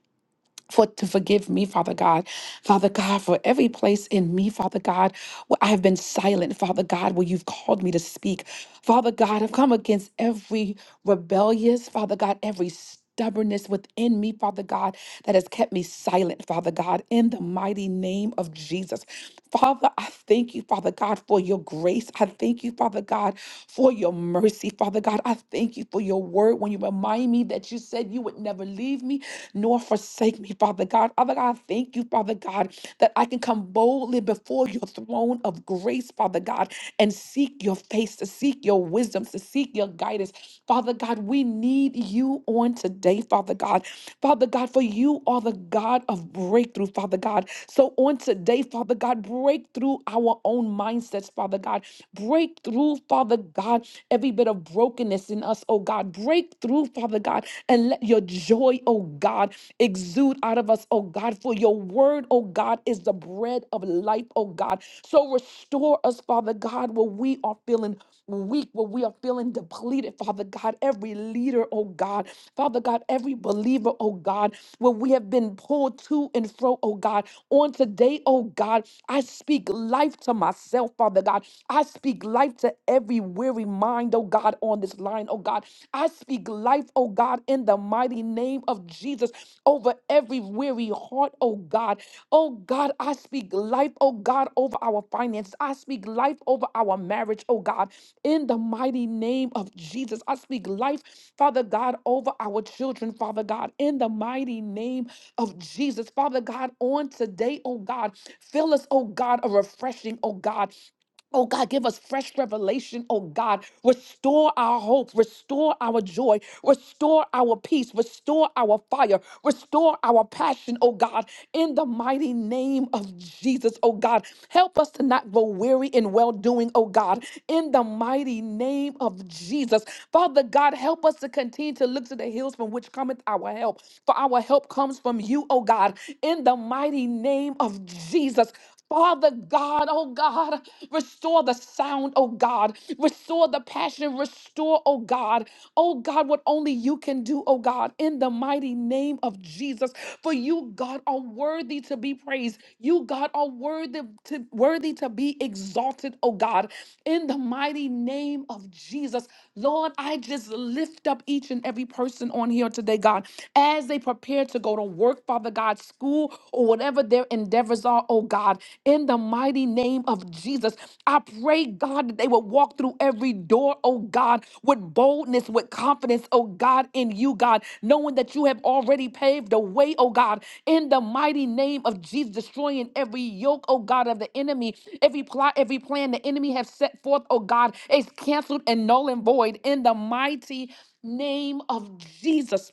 Speaker 4: for to forgive me, Father God. Father God, for every place in me, Father God, where I have been silent, Father God, where you've called me to speak. Father God, I've come against every rebellious, Father God, every stubbornness within me, Father God, that has kept me silent, Father God, in the mighty name of Jesus. Father, I thank you, Father God, for your grace. I thank you, Father God, for your mercy. Father God, I thank you for your word when you remind me that you said you would never leave me nor forsake me, Father God. Father God, I thank you, Father God, that I can come boldly before your throne of grace, Father God, and seek your face, to seek your wisdom, to seek your guidance. Father God, we need you you on today, Father God. Father God, for you are the God of breakthrough, Father God. So on today, Father God, break through our own mindsets, Father God. Break through, Father God, every bit of brokenness in us, oh God. Break through, Father God, and let your joy, oh God, exude out of us, oh God, for your word, oh God, is the bread of life, oh God. So restore us, Father God, where we are feeling weak, where we are feeling depleted, Father God. Every leader, oh God, Father God, every believer, oh God, where we have been pulled to and fro, oh God. On today, oh God, I speak life to myself, Father God. I speak life to every weary mind, oh God, on this line, oh God. I speak life, oh God, in the mighty mighty name of Jesus over every weary heart, oh God. Oh God, I speak life, oh God, over our finances. I speak life over our marriage, oh God. In the mighty name of Jesus, I speak life, Father God, over our children, Father God. In the mighty name of Jesus, Father God, on today, oh God, fill us, oh God, a refreshing, oh God. Oh God, give us fresh revelation. Oh God, restore our hope, restore our joy, restore our peace, restore our fire, restore our passion. Oh God, in the mighty name of Jesus. Oh God, help us to not grow weary in well doing. Oh God, in the mighty name of Jesus. Father God, help us to continue to look to the hills from which cometh our help. For our help comes from you, oh God, in the mighty name of Jesus. Father God, oh God, restore the sound, oh God, restore the passion, restore, oh God, oh God, what only you can do, oh God, in the mighty name of Jesus. For you, God, are worthy to be praised. You, God, are worthy to worthy to be exalted, oh God, in the mighty name of Jesus. Lord, I just lift up each and every person on here today, God, as they prepare to go to work, Father God. God, school, or whatever their endeavors are, oh God, in the mighty name of Jesus. I pray, God, that they would walk through every door, oh God, with boldness, with confidence, oh God, in you, God, knowing that you have already paved the way, oh God, in the mighty name of Jesus, destroying every yoke, oh God, of the enemy, every plot, every plan the enemy has set forth, oh God, is canceled and null and void in the mighty name of Jesus.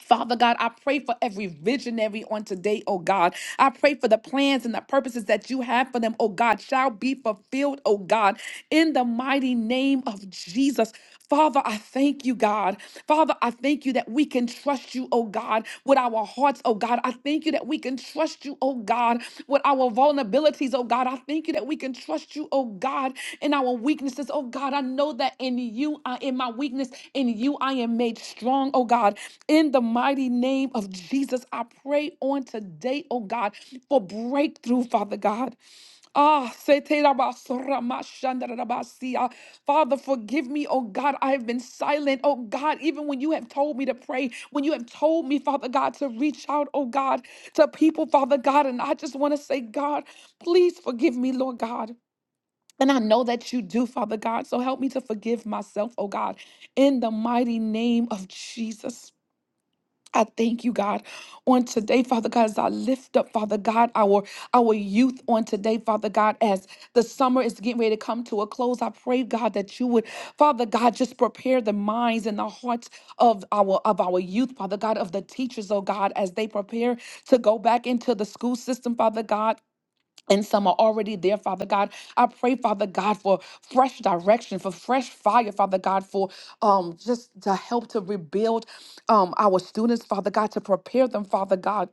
Speaker 4: Father God, I pray for every visionary on today, oh God. I pray for the plans and the purposes that you have for them, oh God, shall be fulfilled, oh God, in the mighty name of Jesus. Father, I thank you, God. Father, I thank you that we can trust you, oh God, with our hearts, oh God. I thank you that we can can trust you, oh God, with our vulnerabilities, oh God. I thank you that we can trust you, oh God, in our weaknesses, oh God. I know that in you, I, in my weakness, in you, I am made strong, oh God. In the mighty name of Jesus, I pray on today, oh God, for breakthrough, Father God. Ah, seterabasoramashandarabasiya. Father, forgive me, oh God. I have been silent, oh God, even when you have told me to pray, when you have told me, Father God, to reach out, oh God, to people, Father God. And I just want to say, God, please forgive me, Lord God. And I know that you do, Father God. So help me to forgive myself, oh God, in the mighty name of Jesus. I thank you, God, on today, Father God, as I lift up, Father God, our our youth on today, Father God, as the summer is getting ready to come to a close. I pray, God, that you would, Father God, just prepare the minds and the hearts of our of our youth, Father God, of the teachers, oh God, as they prepare to go back into the school system, Father God and some are already there, Father God. I pray, Father God, for fresh direction, for fresh fire, Father God, for um just to help to rebuild um our students, Father God, to prepare them, Father God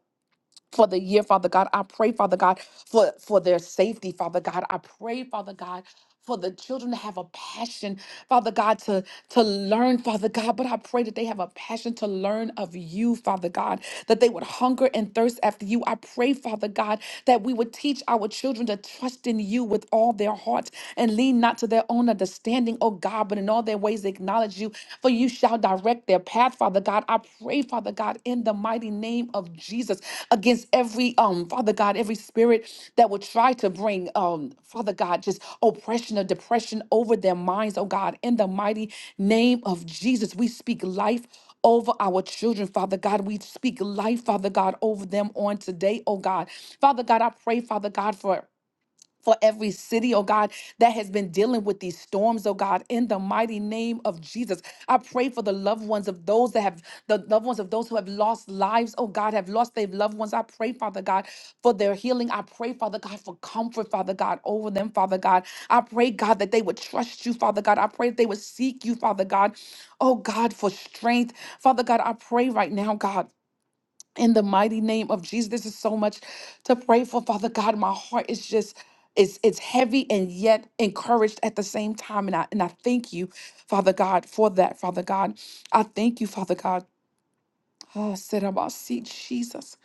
Speaker 4: for the year, Father God. I pray, Father God, for, for their safety, Father God. I pray, Father God, for the children to have a passion, Father God, to, to learn, Father God. But I pray that they have a passion to learn of you, Father God, that they would hunger and thirst after you. I pray, Father God, that we would teach our children to trust in you with all their hearts and lean not to their own understanding, oh God, but in all their ways acknowledge you towards you, for you shall direct their path, Father God. I pray, Father God, in the mighty name of Jesus, against every um, Father God, every spirit that would try to bring um, Father God, just oppression or depression over their minds, oh God, in the mighty name of Jesus. We speak life over our children, Father God. We speak life, Father God, over them on today, oh God. Father God, I pray, Father God, for for every city, oh God, that has been dealing with these storms, oh God, in the mighty name of Jesus. I pray for the loved ones of those that have the loved ones of those who have lost lives, oh God, have lost their loved ones. I pray, Father God, for their healing. I pray, Father God, for comfort, Father God, over them, Father God. I pray, God, that they would trust you, Father God. I pray that they would seek you, Father God. Oh God, for strength. Father God, I pray right now, God in the mighty name of Jesus. This is so much to pray for, Father God. My heart is just it's it's heavy and yet encouraged at the same time. And I and I thank you, Father God, for that, Father God. I thank you, Father God. Oh, sit about seat, Jesus.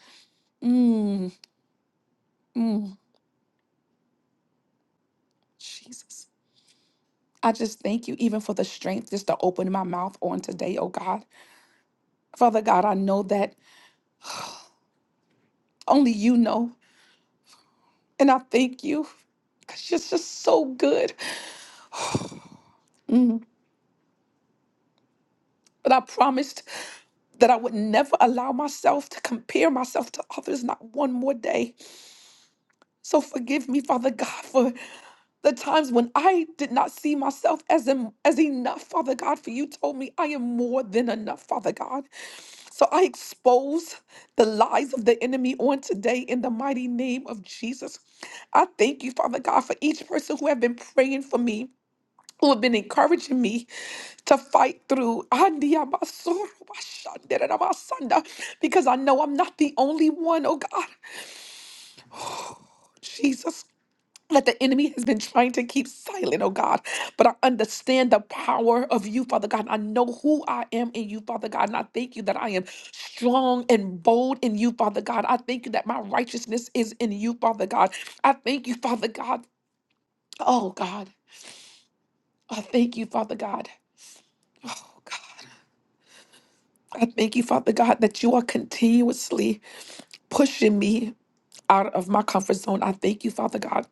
Speaker 4: Mm, mm, Jesus. I just thank you even for the strength just to open my mouth on today, oh God. Father God, I know that only you know. And I thank you because you're just so good. Mm. But I promised. that I would never allow myself to compare myself to others, not one more day. So forgive me, Father God, for the times when I did not see myself as, em- as enough, Father God, for you told me I am more than enough, Father God. So I expose the lies of the enemy on today in the mighty name of Jesus. I thank you, Father God, for each person who have been praying for me, who have been encouraging me, to fight through. Andiyabasorobashanderabasanda, Because I know I'm not the only one, oh God. Jesus. That the enemy has been trying to keep silent, oh God. But I understand the power of you, Father God. I know who I am in you, Father God. And I thank you that I am strong and bold in you, Father God. I thank you that my righteousness is in you, Father God. I thank you, Father God. Oh God. I thank you, Father God. Oh God. I thank you, Father God, that you are continuously pushing me out of my comfort zone. I thank you, Father God.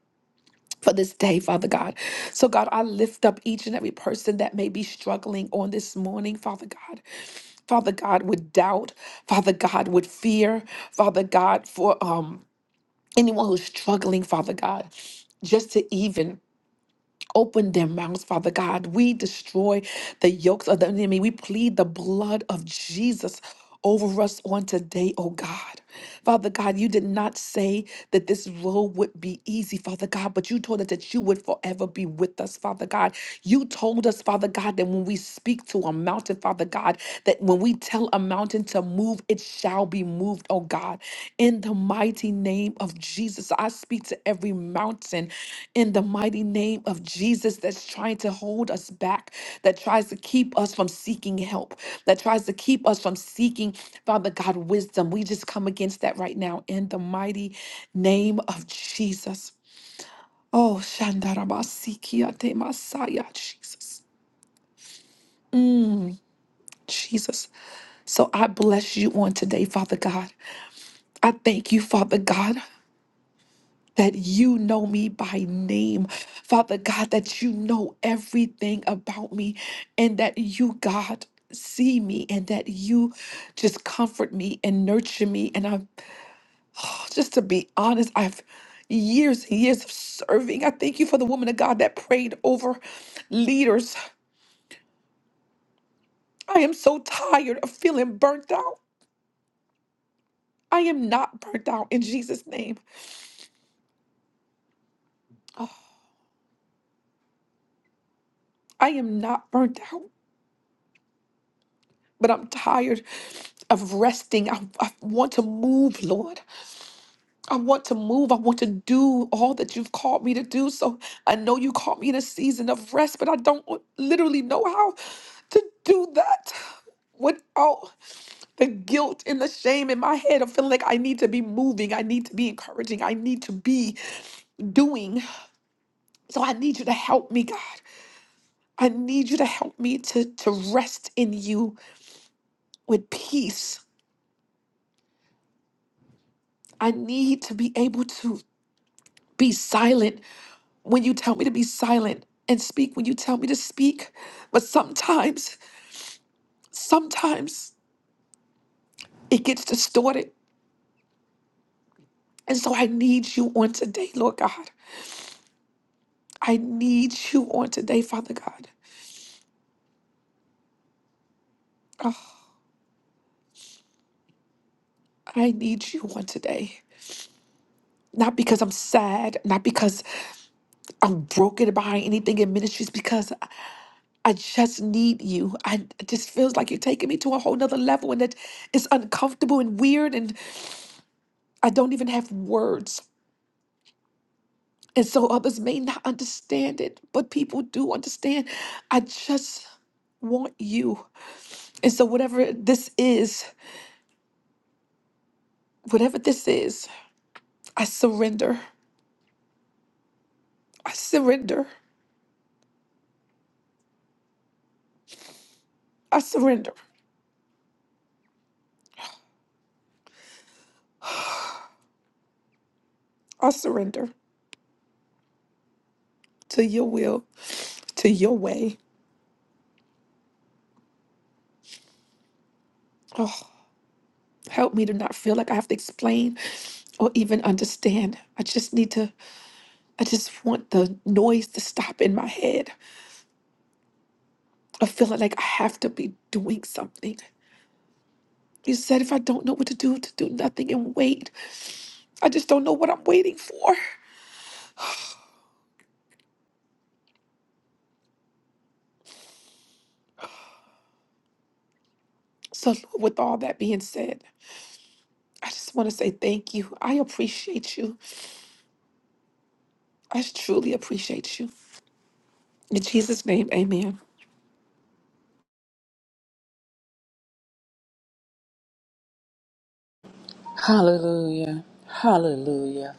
Speaker 4: For this day, Father God. So, God, I lift up each and every person that may be struggling on this morning, Father God. Father God, with doubt, Father God, with fear, Father God, for um anyone who's struggling, Father God, just to even Open their mouths, Father God. We destroy the yokes of the enemy. We plead the blood of Jesus over us on today, oh God. Father God, you did not say that this road would be easy, Father God, but you told us that you would forever be with us, Father God. You told us, Father God, that when we speak to a mountain, Father God, that when we tell a mountain, mountain to move, it shall be moved, oh God. In the mighty name of Jesus, I speak to every mountain in the mighty name of Jesus that's trying to hold us back, that tries to keep us from seeking help, that tries to keep us from seeking, Father God, wisdom. We just come against that right now in the mighty name of Jesus. Oh, Shandarabasikiate Masaya, Jesus, Jesus. So I bless you on today, Father God. I thank you, Father God, that you know me by name. Father God, that you know everything about me and that you, God, see me and that you just comfort me and nurture me. And I'm [SIGHS] just to be honest, I've years and years of serving. I thank you for the woman of God that prayed over leaders. I am so tired of feeling burnt out. I am not burnt out in Jesus' name. [SIGHS] Oh, I am not burnt out. but I'm tired of resting. I, I want to move, Lord. I want to move. I want to do all that you've called me to do. So I know you called me in a season of rest, but I don't literally know how to do that without the guilt and the shame in my head of feeling like I need to be moving. I need to be encouraging. I need to be doing. So I need you to help me, God. I need you to help me to, to rest in you with peace. I need to be able to be silent when you tell me to be silent and speak when you tell me to speak. But sometimes, sometimes it gets distorted. And so I need you on today, Lord God. I need you on today, Father God. Oh, I need you on today. Not because I'm sad, not because I'm broken by anything in ministries, because I I just need you. I it just feels like you're taking me to a whole nother level and it, it's uncomfortable and weird and I don't even have words And so others may not understand it, but people do understand. I just want you. And so, whatever this is, whatever this is, I surrender. I surrender. I surrender. I surrender to your will, to your way. Oh, help me to not feel like I have to explain or even understand. I just need to, I just want the noise to stop in my head of feeling like I have to be doing something. You said, if I don't know what to do, to do nothing and wait. I just don't know what I'm waiting for. So, Lord, with all that being said, I just want to say thank you. I appreciate you. I truly appreciate you. In Jesus' name, amen.
Speaker 3: Hallelujah. Hallelujah.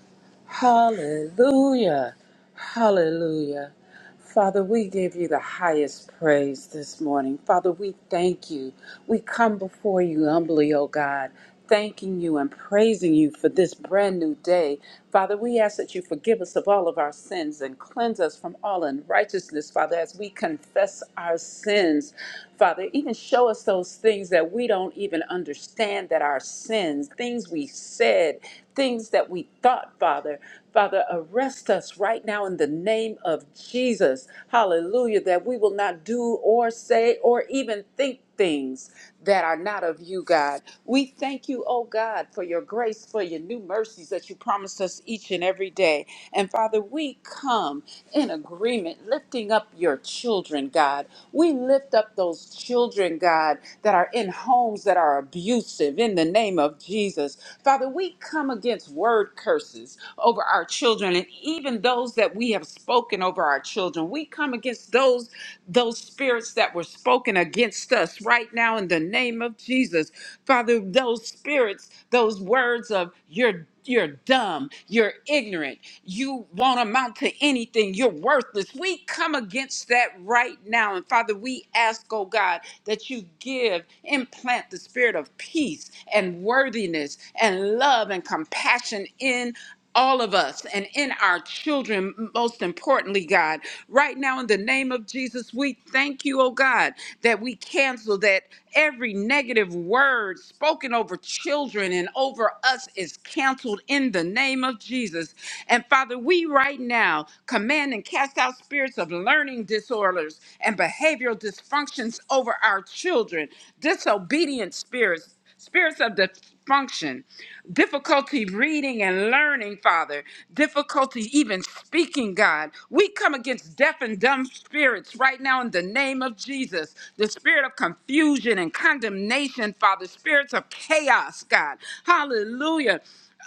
Speaker 3: Hallelujah. Hallelujah. Father, we give you the highest praise this morning. Father, we thank you. We come before you humbly, O God, thanking you and praising you for this brand new day. Father, we ask that you forgive us of all of our sins and cleanse us from all unrighteousness, Father, as we confess our sins. Father, even show us those things that we don't even understand that are sins, things we said, things that we thought, Father. Father, arrest us right now in the name of Jesus. Hallelujah, that we will not do or say or even think things that are not of you, God. We thank you, oh God, for your grace, for your new mercies that you promised us each and every day. And Father, we come in agreement, lifting up your children, God. We lift up those those children, God, that are in homes that are abusive in the name of Jesus. Father, we come against word curses over our children and even those that we have spoken over our children. We come against those those spirits that were spoken against us right now in the name of Jesus. Father, those spirits, those words of you're you're dumb, you're ignorant, you won't amount to anything, you're worthless. We come against that right now. And Father, we ask, oh God, that you give, implant the spirit of peace and worthiness and love and compassion in all of us and in our children, most importantly, God. Right now, in the name of Jesus, we thank you, oh God, that we cancel that every negative word spoken over children and over us is canceled in the name of Jesus. And Father, we right now command and cast out spirits of learning disorders and behavioral dysfunctions over our children, disobedient spirits spirits of dysfunction, difficulty reading and learning, Father, difficulty even speaking, God. We come against deaf and dumb spirits right now in the name of Jesus. The spirit of confusion and condemnation, Father, spirits of chaos, God. Hallelujah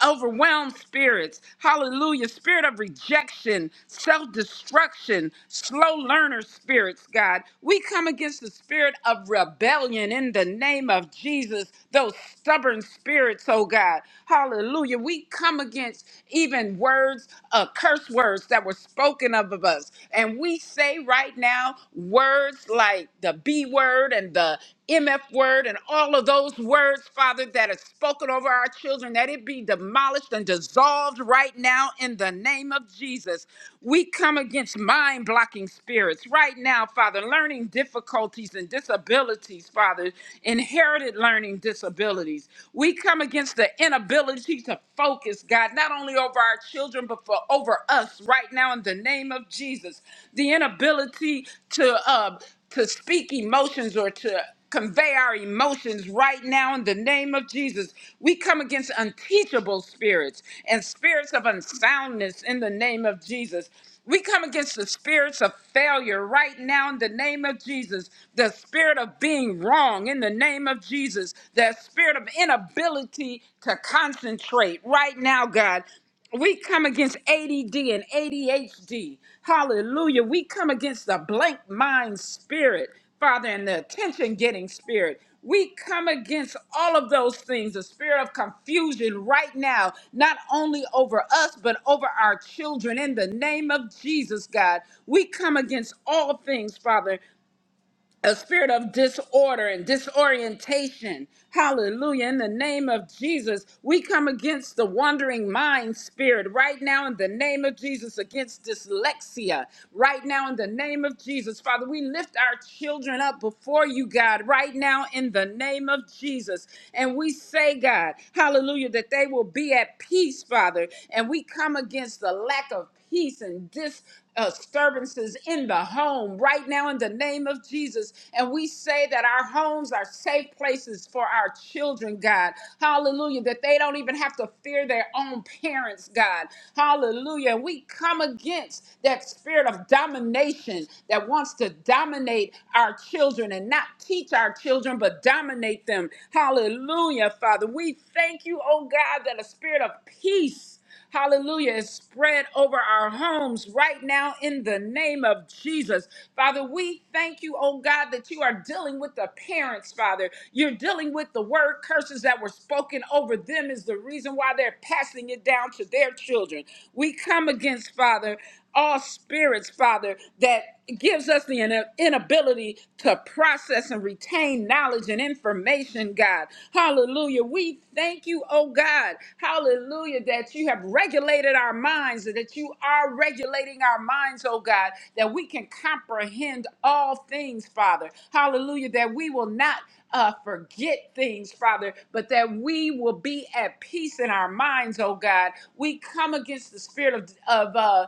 Speaker 3: overwhelmed spirits. Hallelujah. Spirit of rejection, self destruction, slow learner spirits, God. We come against the spirit of rebellion in the name of Jesus, those stubborn spirits, oh God. Hallelujah. We come against even words, uh, curse words that were spoken of, of us. And we say right now words like the B word and the MF word and all of those words, Father, that are spoken over our children, that it be demolished and dissolved right now in the name of Jesus. We come against mind blocking spirits right now, Father, learning difficulties and disabilities, Father, inherited learning disabilities. We come against the inability to focus, God, not only over our children, but for over us right now in the name of Jesus. The inability to uh, to speak emotions or to convey our emotions right now in the name of Jesus. We come against unteachable spirits and spirits of unsoundness in the name of Jesus. We come against the spirits of failure right now in the name of Jesus, the spirit of being wrong in the name of Jesus, the spirit of inability to concentrate right now, God. We come against ADD and ADHD. Hallelujah. We come against the blank mind spirit, Father, and the attention getting spirit. We come against all of those things, the spirit of confusion right now, not only over us, but over our children in the name of Jesus, God. We come against all things, Father a spirit of disorder and disorientation. Hallelujah. In the name of Jesus, we come against the wandering mind spirit right now in the name of Jesus, against dyslexia right now in the name of Jesus. Father, we lift our children up before you, God, right now in the name of Jesus. And we say, God, hallelujah, that they will be at peace, Father. And we come against the lack of peace and dis uh, disturbances in the home right now in the name of Jesus. And we say that our homes are safe places for our children, God. Hallelujah. That they don't even have to fear their own parents, God. Hallelujah. And we come against that spirit of domination that wants to dominate our children and not teach our children, but dominate them. Hallelujah, Father. We thank you, oh God, that a spirit of peace. Hallelujah is spread over our homes right now in the name of Jesus. Father, we thank you, oh God, that you are dealing with the parents, Father. You're dealing with the word curses that were spoken over them is the reason why they're passing it down to their children. We come against, Father all spirits, Father, that gives us the ina- inability to process and retain knowledge and information, God. Hallelujah. We thank you, oh God. Hallelujah, that you have regulated our minds, that you are regulating our minds, oh God, that we can comprehend all things, Father. Hallelujah, that we will not uh, forget things, Father, but that we will be at peace in our minds, oh God. We come against the spirit of, of uh,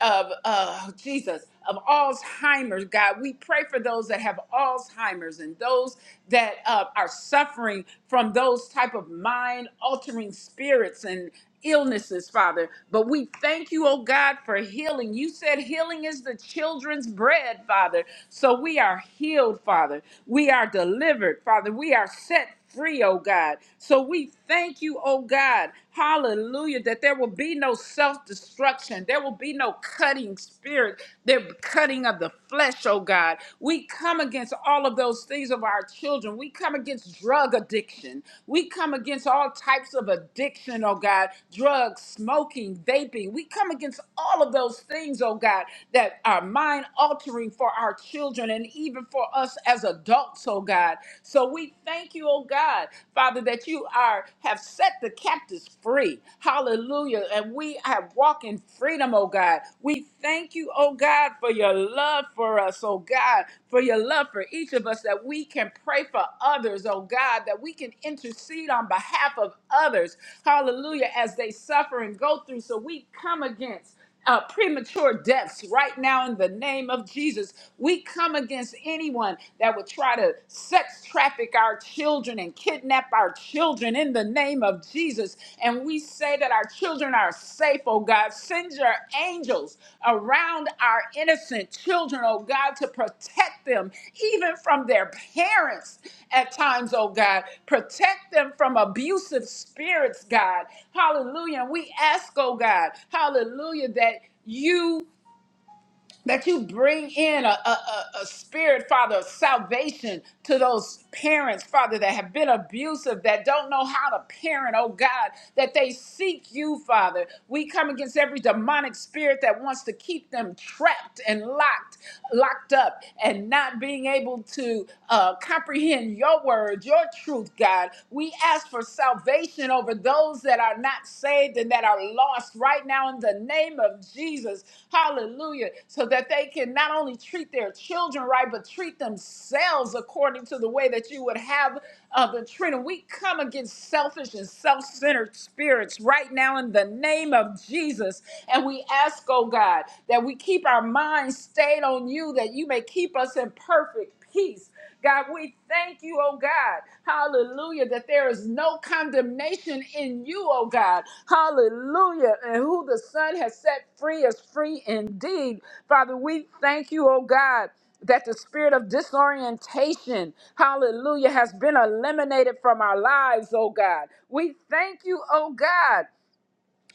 Speaker 3: of uh, Jesus of Alzheimer's, God. We pray for those that have Alzheimer's and those that uh, are suffering from those type of mind altering spirits and illnesses, Father. But we thank you, oh God, for healing. You said healing is the children's bread, Father. So we are healed, Father. We are delivered, Father. We are set free, oh God. So we thank you, oh God. Hallelujah. That there will be no self destruction. There will be no cutting spirit, the cutting of the flesh, oh God. We come against all of those things of our children. We come against drug addiction. We come against all types of addiction, oh God. Drugs, smoking, vaping. We come against all of those things, oh God, that are mind altering for our children and even for us as adults, oh God. So we thank you, oh oh God, Father, that you are have set the captives free. Hallelujah. And we have walked in freedom, oh God. We thank you, oh God, for your love for us, oh God, for your love for each of us, that we can pray for others, oh God, that we can intercede on behalf of others. Hallelujah. As they suffer and go through. So we come against uh, premature deaths right now in the name of Jesus. We come against anyone that would try to sex traffic our children and kidnap our children in the name of Jesus. And we say that our children are safe, oh God. Send your angels around our innocent children, oh God, to protect them even from their parents at times, oh God. Protect them from abusive spirits, God. Hallelujah. And we ask, oh God, hallelujah, that you that you bring in a, a, a, a spirit, Father, of salvation to those parents, Father, that have been abusive, that don't know how to parent, oh God, that they seek you, Father. We come against every demonic spirit that wants to keep them trapped and locked, locked up, and not being able to uh, comprehend your word, your truth, God. We ask for salvation salvation over those that are not saved and that are lost right now in the name of Jesus. Hallelujah. So that they can not only treat their children right, but treat themselves according to the way that you would have uh, the Trinity. We come against selfish and self centered spirits right now in the name of Jesus. And we ask, oh God, that we keep our minds stayed on you, that you may keep us in perfect peace. God, we thank you, oh God. Hallelujah, that there is no condemnation in you, oh God. Hallelujah. And who the Son has set free is free indeed. Father, we thank you, oh God. That the spirit of disorientation, hallelujah, has been eliminated from our lives, oh God. We thank you, oh God.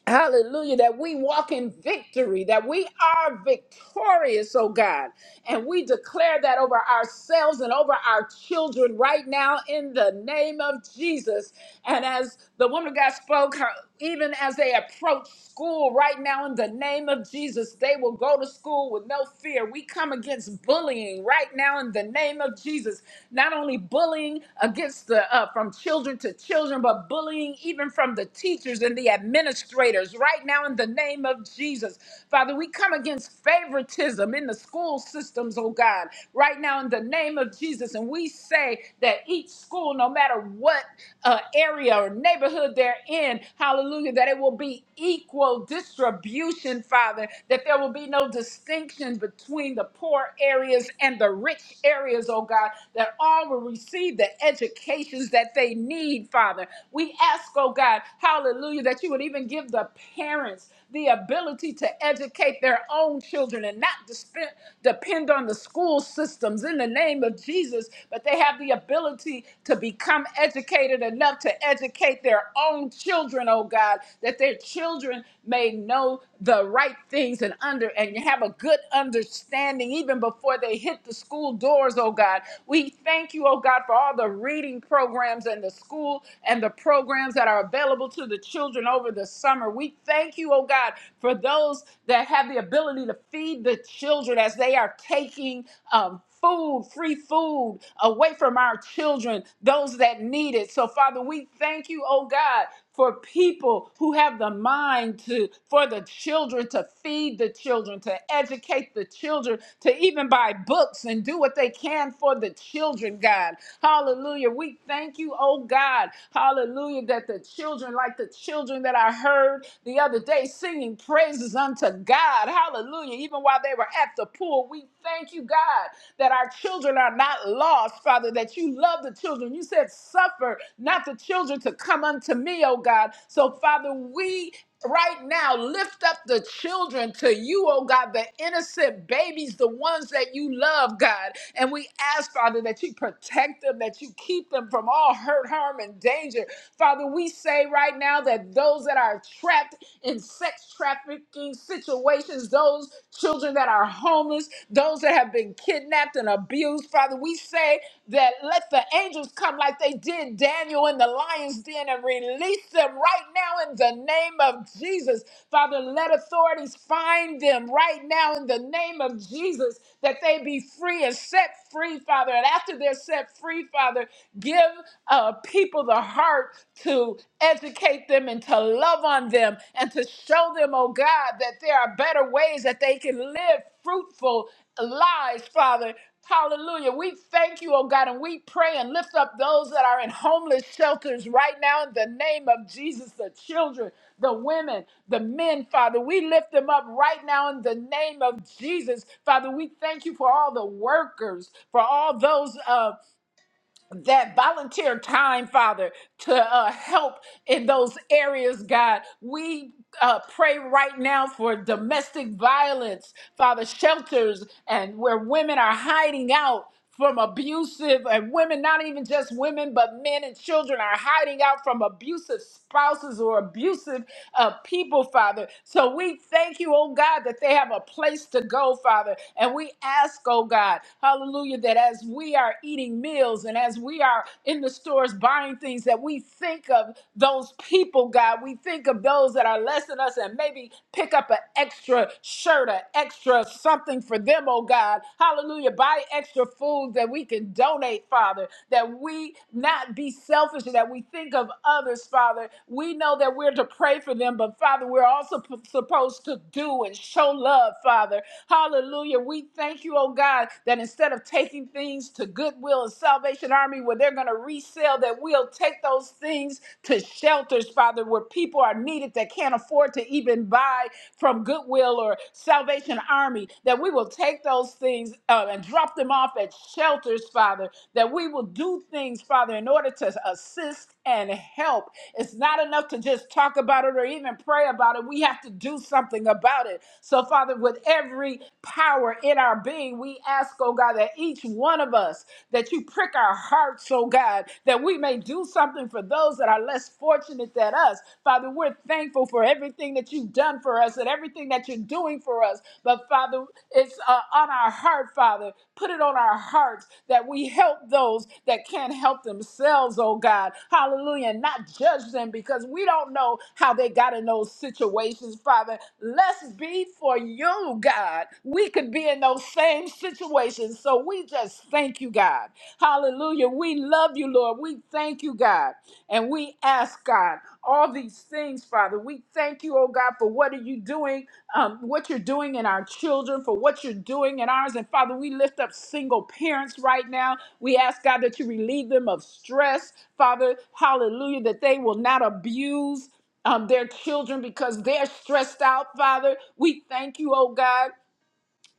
Speaker 3: Hallelujah, that we walk in victory, that we are victorious, oh God. And we declare that over ourselves and over our children right now in the name of Jesus. And as the woman of God spoke, her, even as they approach school right now in the name of Jesus, they will go to school with no fear. We come against bullying right now in the name of Jesus. Not only bullying against the uh, from children to children, but bullying even from the teachers and the the administrators right now in the name of Jesus. Father, we come against favoritism in the school systems, oh God, right now in the name of Jesus. And we say that each school, no matter what uh, area or neighborhood they're in, hallelujah, that it will be equal distribution, Father, that there will be no distinction between the poor areas and the rich areas, oh God, that all will receive the educations that they need, Father. We ask, oh God, God, hallelujah, that you would even give the parents the ability to educate their own children and not dispen- depend on the school systems in the name of Jesus, but they have the ability to become educated enough to educate their own children, oh God, that their children may know the right things and under and have a good understanding even before they hit the school doors, oh God. We thank you, oh God, for all the reading programs and the school and the programs programs that are available to the children over the summer. We thank you, oh God, for those that have the ability to feed the children as they are taking um, food, free food away from our children, those that need it. So, Father, we thank you, oh God for people who have the mind to, for the children to feed the children, to educate the children, to even buy books and do what they can for the children, God. Hallelujah. We thank you, oh God. Hallelujah. That the children, like the children that I heard the other day singing praises unto God. Hallelujah. Even while they were at the pool, we thank you, God, that our children are not lost us, Father, that you love the children. You said, suffer not the children to come unto me, oh God. So, Father, we right now lift up the children to you, oh God, the innocent babies, the ones that you love, God. And we ask, Father, that you protect them, that you keep them from all hurt, harm, and danger. Father, we say right now that those that are trapped in sex trafficking situations, those children that are homeless, those that have been kidnapped and abused. Father, we say that let the angels come like they did Daniel in the lion's den and release them right now in the name of Jesus. Father, let authorities find them right now in the name of Jesus that they be free and set free, Father. And after they're set free, Father, give uh, people the heart to educate educate them and to love on them and to show them, oh God, that there are better ways that they can live fruitful lives, Father. Hallelujah. We thank you, oh God, and we pray and lift up those that are in homeless shelters right now in the name of Jesus, the children, the women, the men, Father. We lift them up right now in the name of Jesus. Father, we thank you for all the workers, for all those. uh, that volunteer time, Father, to uh, help in those areas, God. We uh, pray right now for domestic violence, Father, shelters, and where women are hiding out. From abusive and women, not even just women, but men and children are hiding out from abusive spouses or abusive uh, people, Father. So we thank you, oh God, that they have a place to go, Father. And we ask, oh God, hallelujah, that as we are eating, eating meals and as we are in the stores buying things that we think of those people, God. We think of those that are less than us and maybe pick up an extra shirt, an extra something for them, oh God. Hallelujah. Buy extra food that we can donate, Father, that we not be selfish, that we think of others, Father. We know that we're to pray for them, but Father, we're also p- supposed to do and show love, Father. Hallelujah. We thank you, oh God, that instead of taking taking things to Goodwill and Salvation Army where they're going to resell that. We'll take those things to shelters, Father, where people are needed that can't afford to even buy from Goodwill or Salvation Army. That we will take those things uh, and drop them off at shelters, Father. That we will do things, Father, in order to assist and help. It's not enough to just talk about it or even pray about it. We have to do something about it. So, Father, with every power in our being, we ask ask, oh God, that each one of us, that you prick our hearts, oh God, that we may do something for those that are less fortunate than us. Father, we're thankful for everything that you've done for us and everything that you're doing for us. But Father, it's uh, on our heart, Father. Put it on our hearts that we help those that can't help themselves, oh God. Hallelujah. And Not judge them because we don't know how they got in those situations, Father. Let's be for you, God. We could be in in those same situations. So we just thank you, God. Hallelujah. We love you, Lord. We thank you, God. And we ask, God, all these things, Father. We thank you, oh God, for what are you doing, um, what you're doing in our children, for what you're doing in ours. And Father, we lift up single parents right now. We ask, God, that you relieve them of stress, Father. Hallelujah, that they will not abuse um, their children because they're stressed out, Father. We thank you, oh God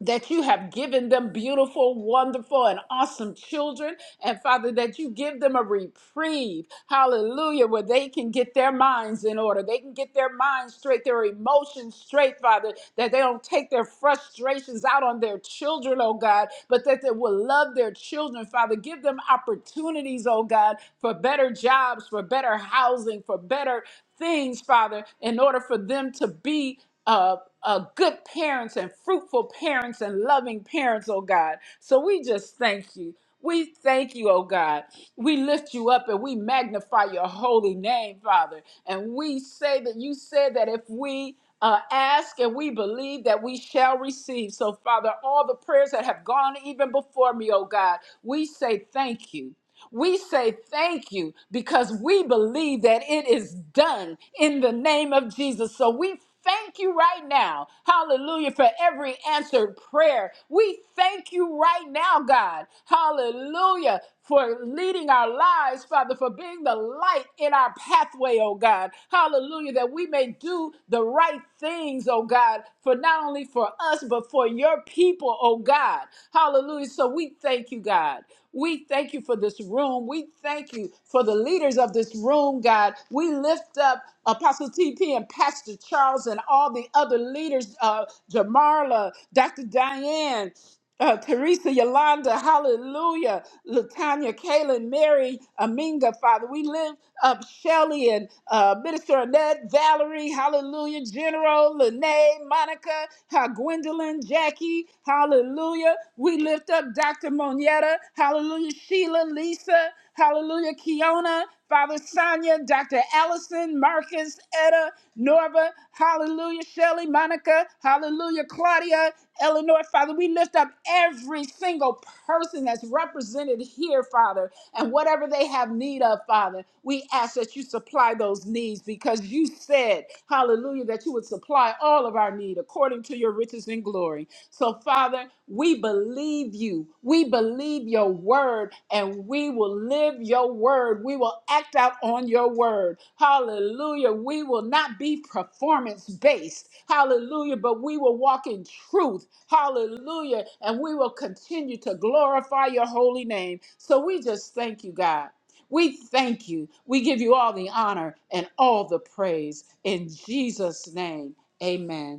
Speaker 3: that you have given them beautiful, wonderful, and awesome children. And Father, that you give them a reprieve, hallelujah, where they can get their minds in order. They can get their minds straight, their emotions straight, Father, that they don't take their frustrations out on their children, oh God, but that they will love their children, Father. Give them opportunities, oh God, for better jobs, for better housing, for better things, Father, in order for them to be. uh, uh, good parents and fruitful parents and loving parents, oh God. So we just thank you. We thank you, oh God. We lift you up and we magnify your holy name, Father. And we say that you said that if we uh, ask and we believe that we shall receive. So, Father, all the prayers that have gone even before me, oh God, we say thank you. We say thank you because we believe that it is done in the name of Jesus. So we thank you right now. Hallelujah for every answered prayer. We thank you right now, God. Hallelujah for leading our lives, Father, for being the light in our pathway, oh God. Hallelujah that we may do the right things, oh God, for for not only for us, but for your people, oh God. Hallelujah. So we thank you, God. We thank you for this room. We thank you for the leaders of this room, God. We lift up Apostle TP and Pastor Charles and all the other leaders, uh, Jamarla, Dr. Diane uh, Teresa, Yolanda, Hallelujah, Latanya, Kaylin, Mary, Aminga, Father. We lift up Shelly and uh, Minister Annette, Valerie, Hallelujah, General, Lene, Monica, uh, Gwendolyn, Jackie, Hallelujah. We lift up Dr. Monietta, Hallelujah, Sheila, Lisa, Hallelujah, Kiona, Father Sonia, Dr. Allison, Marcus, Etta, Norva, Hallelujah, Shelly, Monica, Hallelujah, Claudia, Eleanor, Father, we lift up every single person that's represented here, Father, and whatever they have need of, Father, we ask that you supply those needs because you said, hallelujah, that you would supply all of our need according to your riches and glory. So, Father, we believe you. We believe your word, and we will live your word. We will act out on your word. Hallelujah. We will not be performance based. Hallelujah. But we will walk in truth. Hallelujah. And we will continue to glorify your holy name. So, we just thank you, God. We thank you. We give you all the honor and all the praise in Jesus' name. Amen.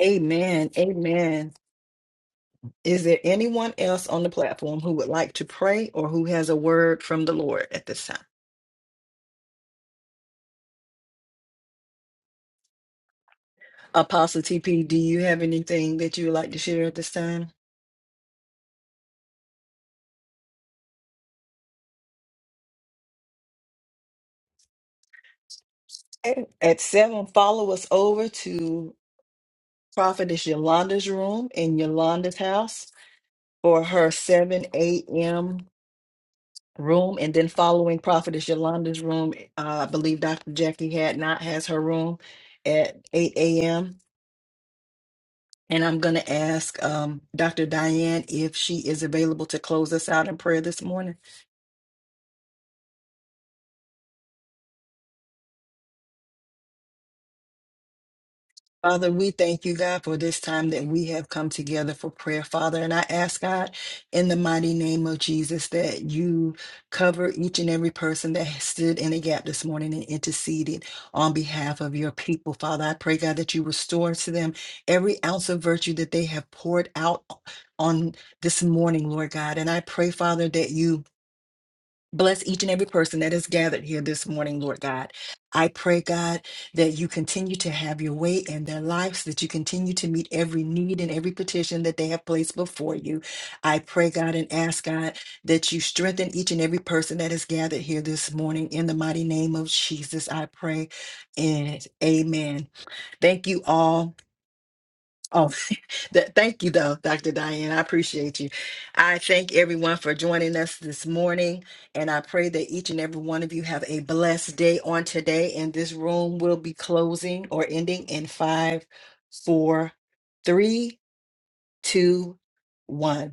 Speaker 1: Amen. Amen. Is there anyone else on the platform who would like to pray or who has a word from the Lord at this time? Apostle TP, do you have anything that you would like to share at this time? Okay. At seven, follow us over to Prophetess Yolanda's room in Yolanda's house for her 7 a.m. room. And then following Prophetess Yolanda's room, uh, I believe Dr. Jackie had not has her room at 8 a.m. And I'm going to ask um, Dr. Diane if she is available to close us out in prayer this morning. Father, we thank you, God, for this time that we have come together for prayer, Father. And I ask, God, in the mighty name of Jesus, that you cover each and every person that has stood in a gap this morning and interceded on behalf of your people, Father. I pray, God, that you restore to them every ounce of virtue that they have poured out on this morning, Lord God. And I pray, Father, that you Bless each and every person that is gathered here this morning, Lord God. I pray, God, that you continue to have your way in their lives, that you continue to meet every need and every petition that they have placed before you. I pray, God, and ask, God, that you strengthen each and every person that is gathered here this morning. In the mighty name of Jesus, I pray. And amen. Thank you all. Oh, [LAUGHS] that, thank you, though, Dr. Diane. I appreciate you. I thank everyone for joining us this morning, and I pray that each and every one of you have a blessed day on today. And this room will be closing or ending in five, four, three, two, one.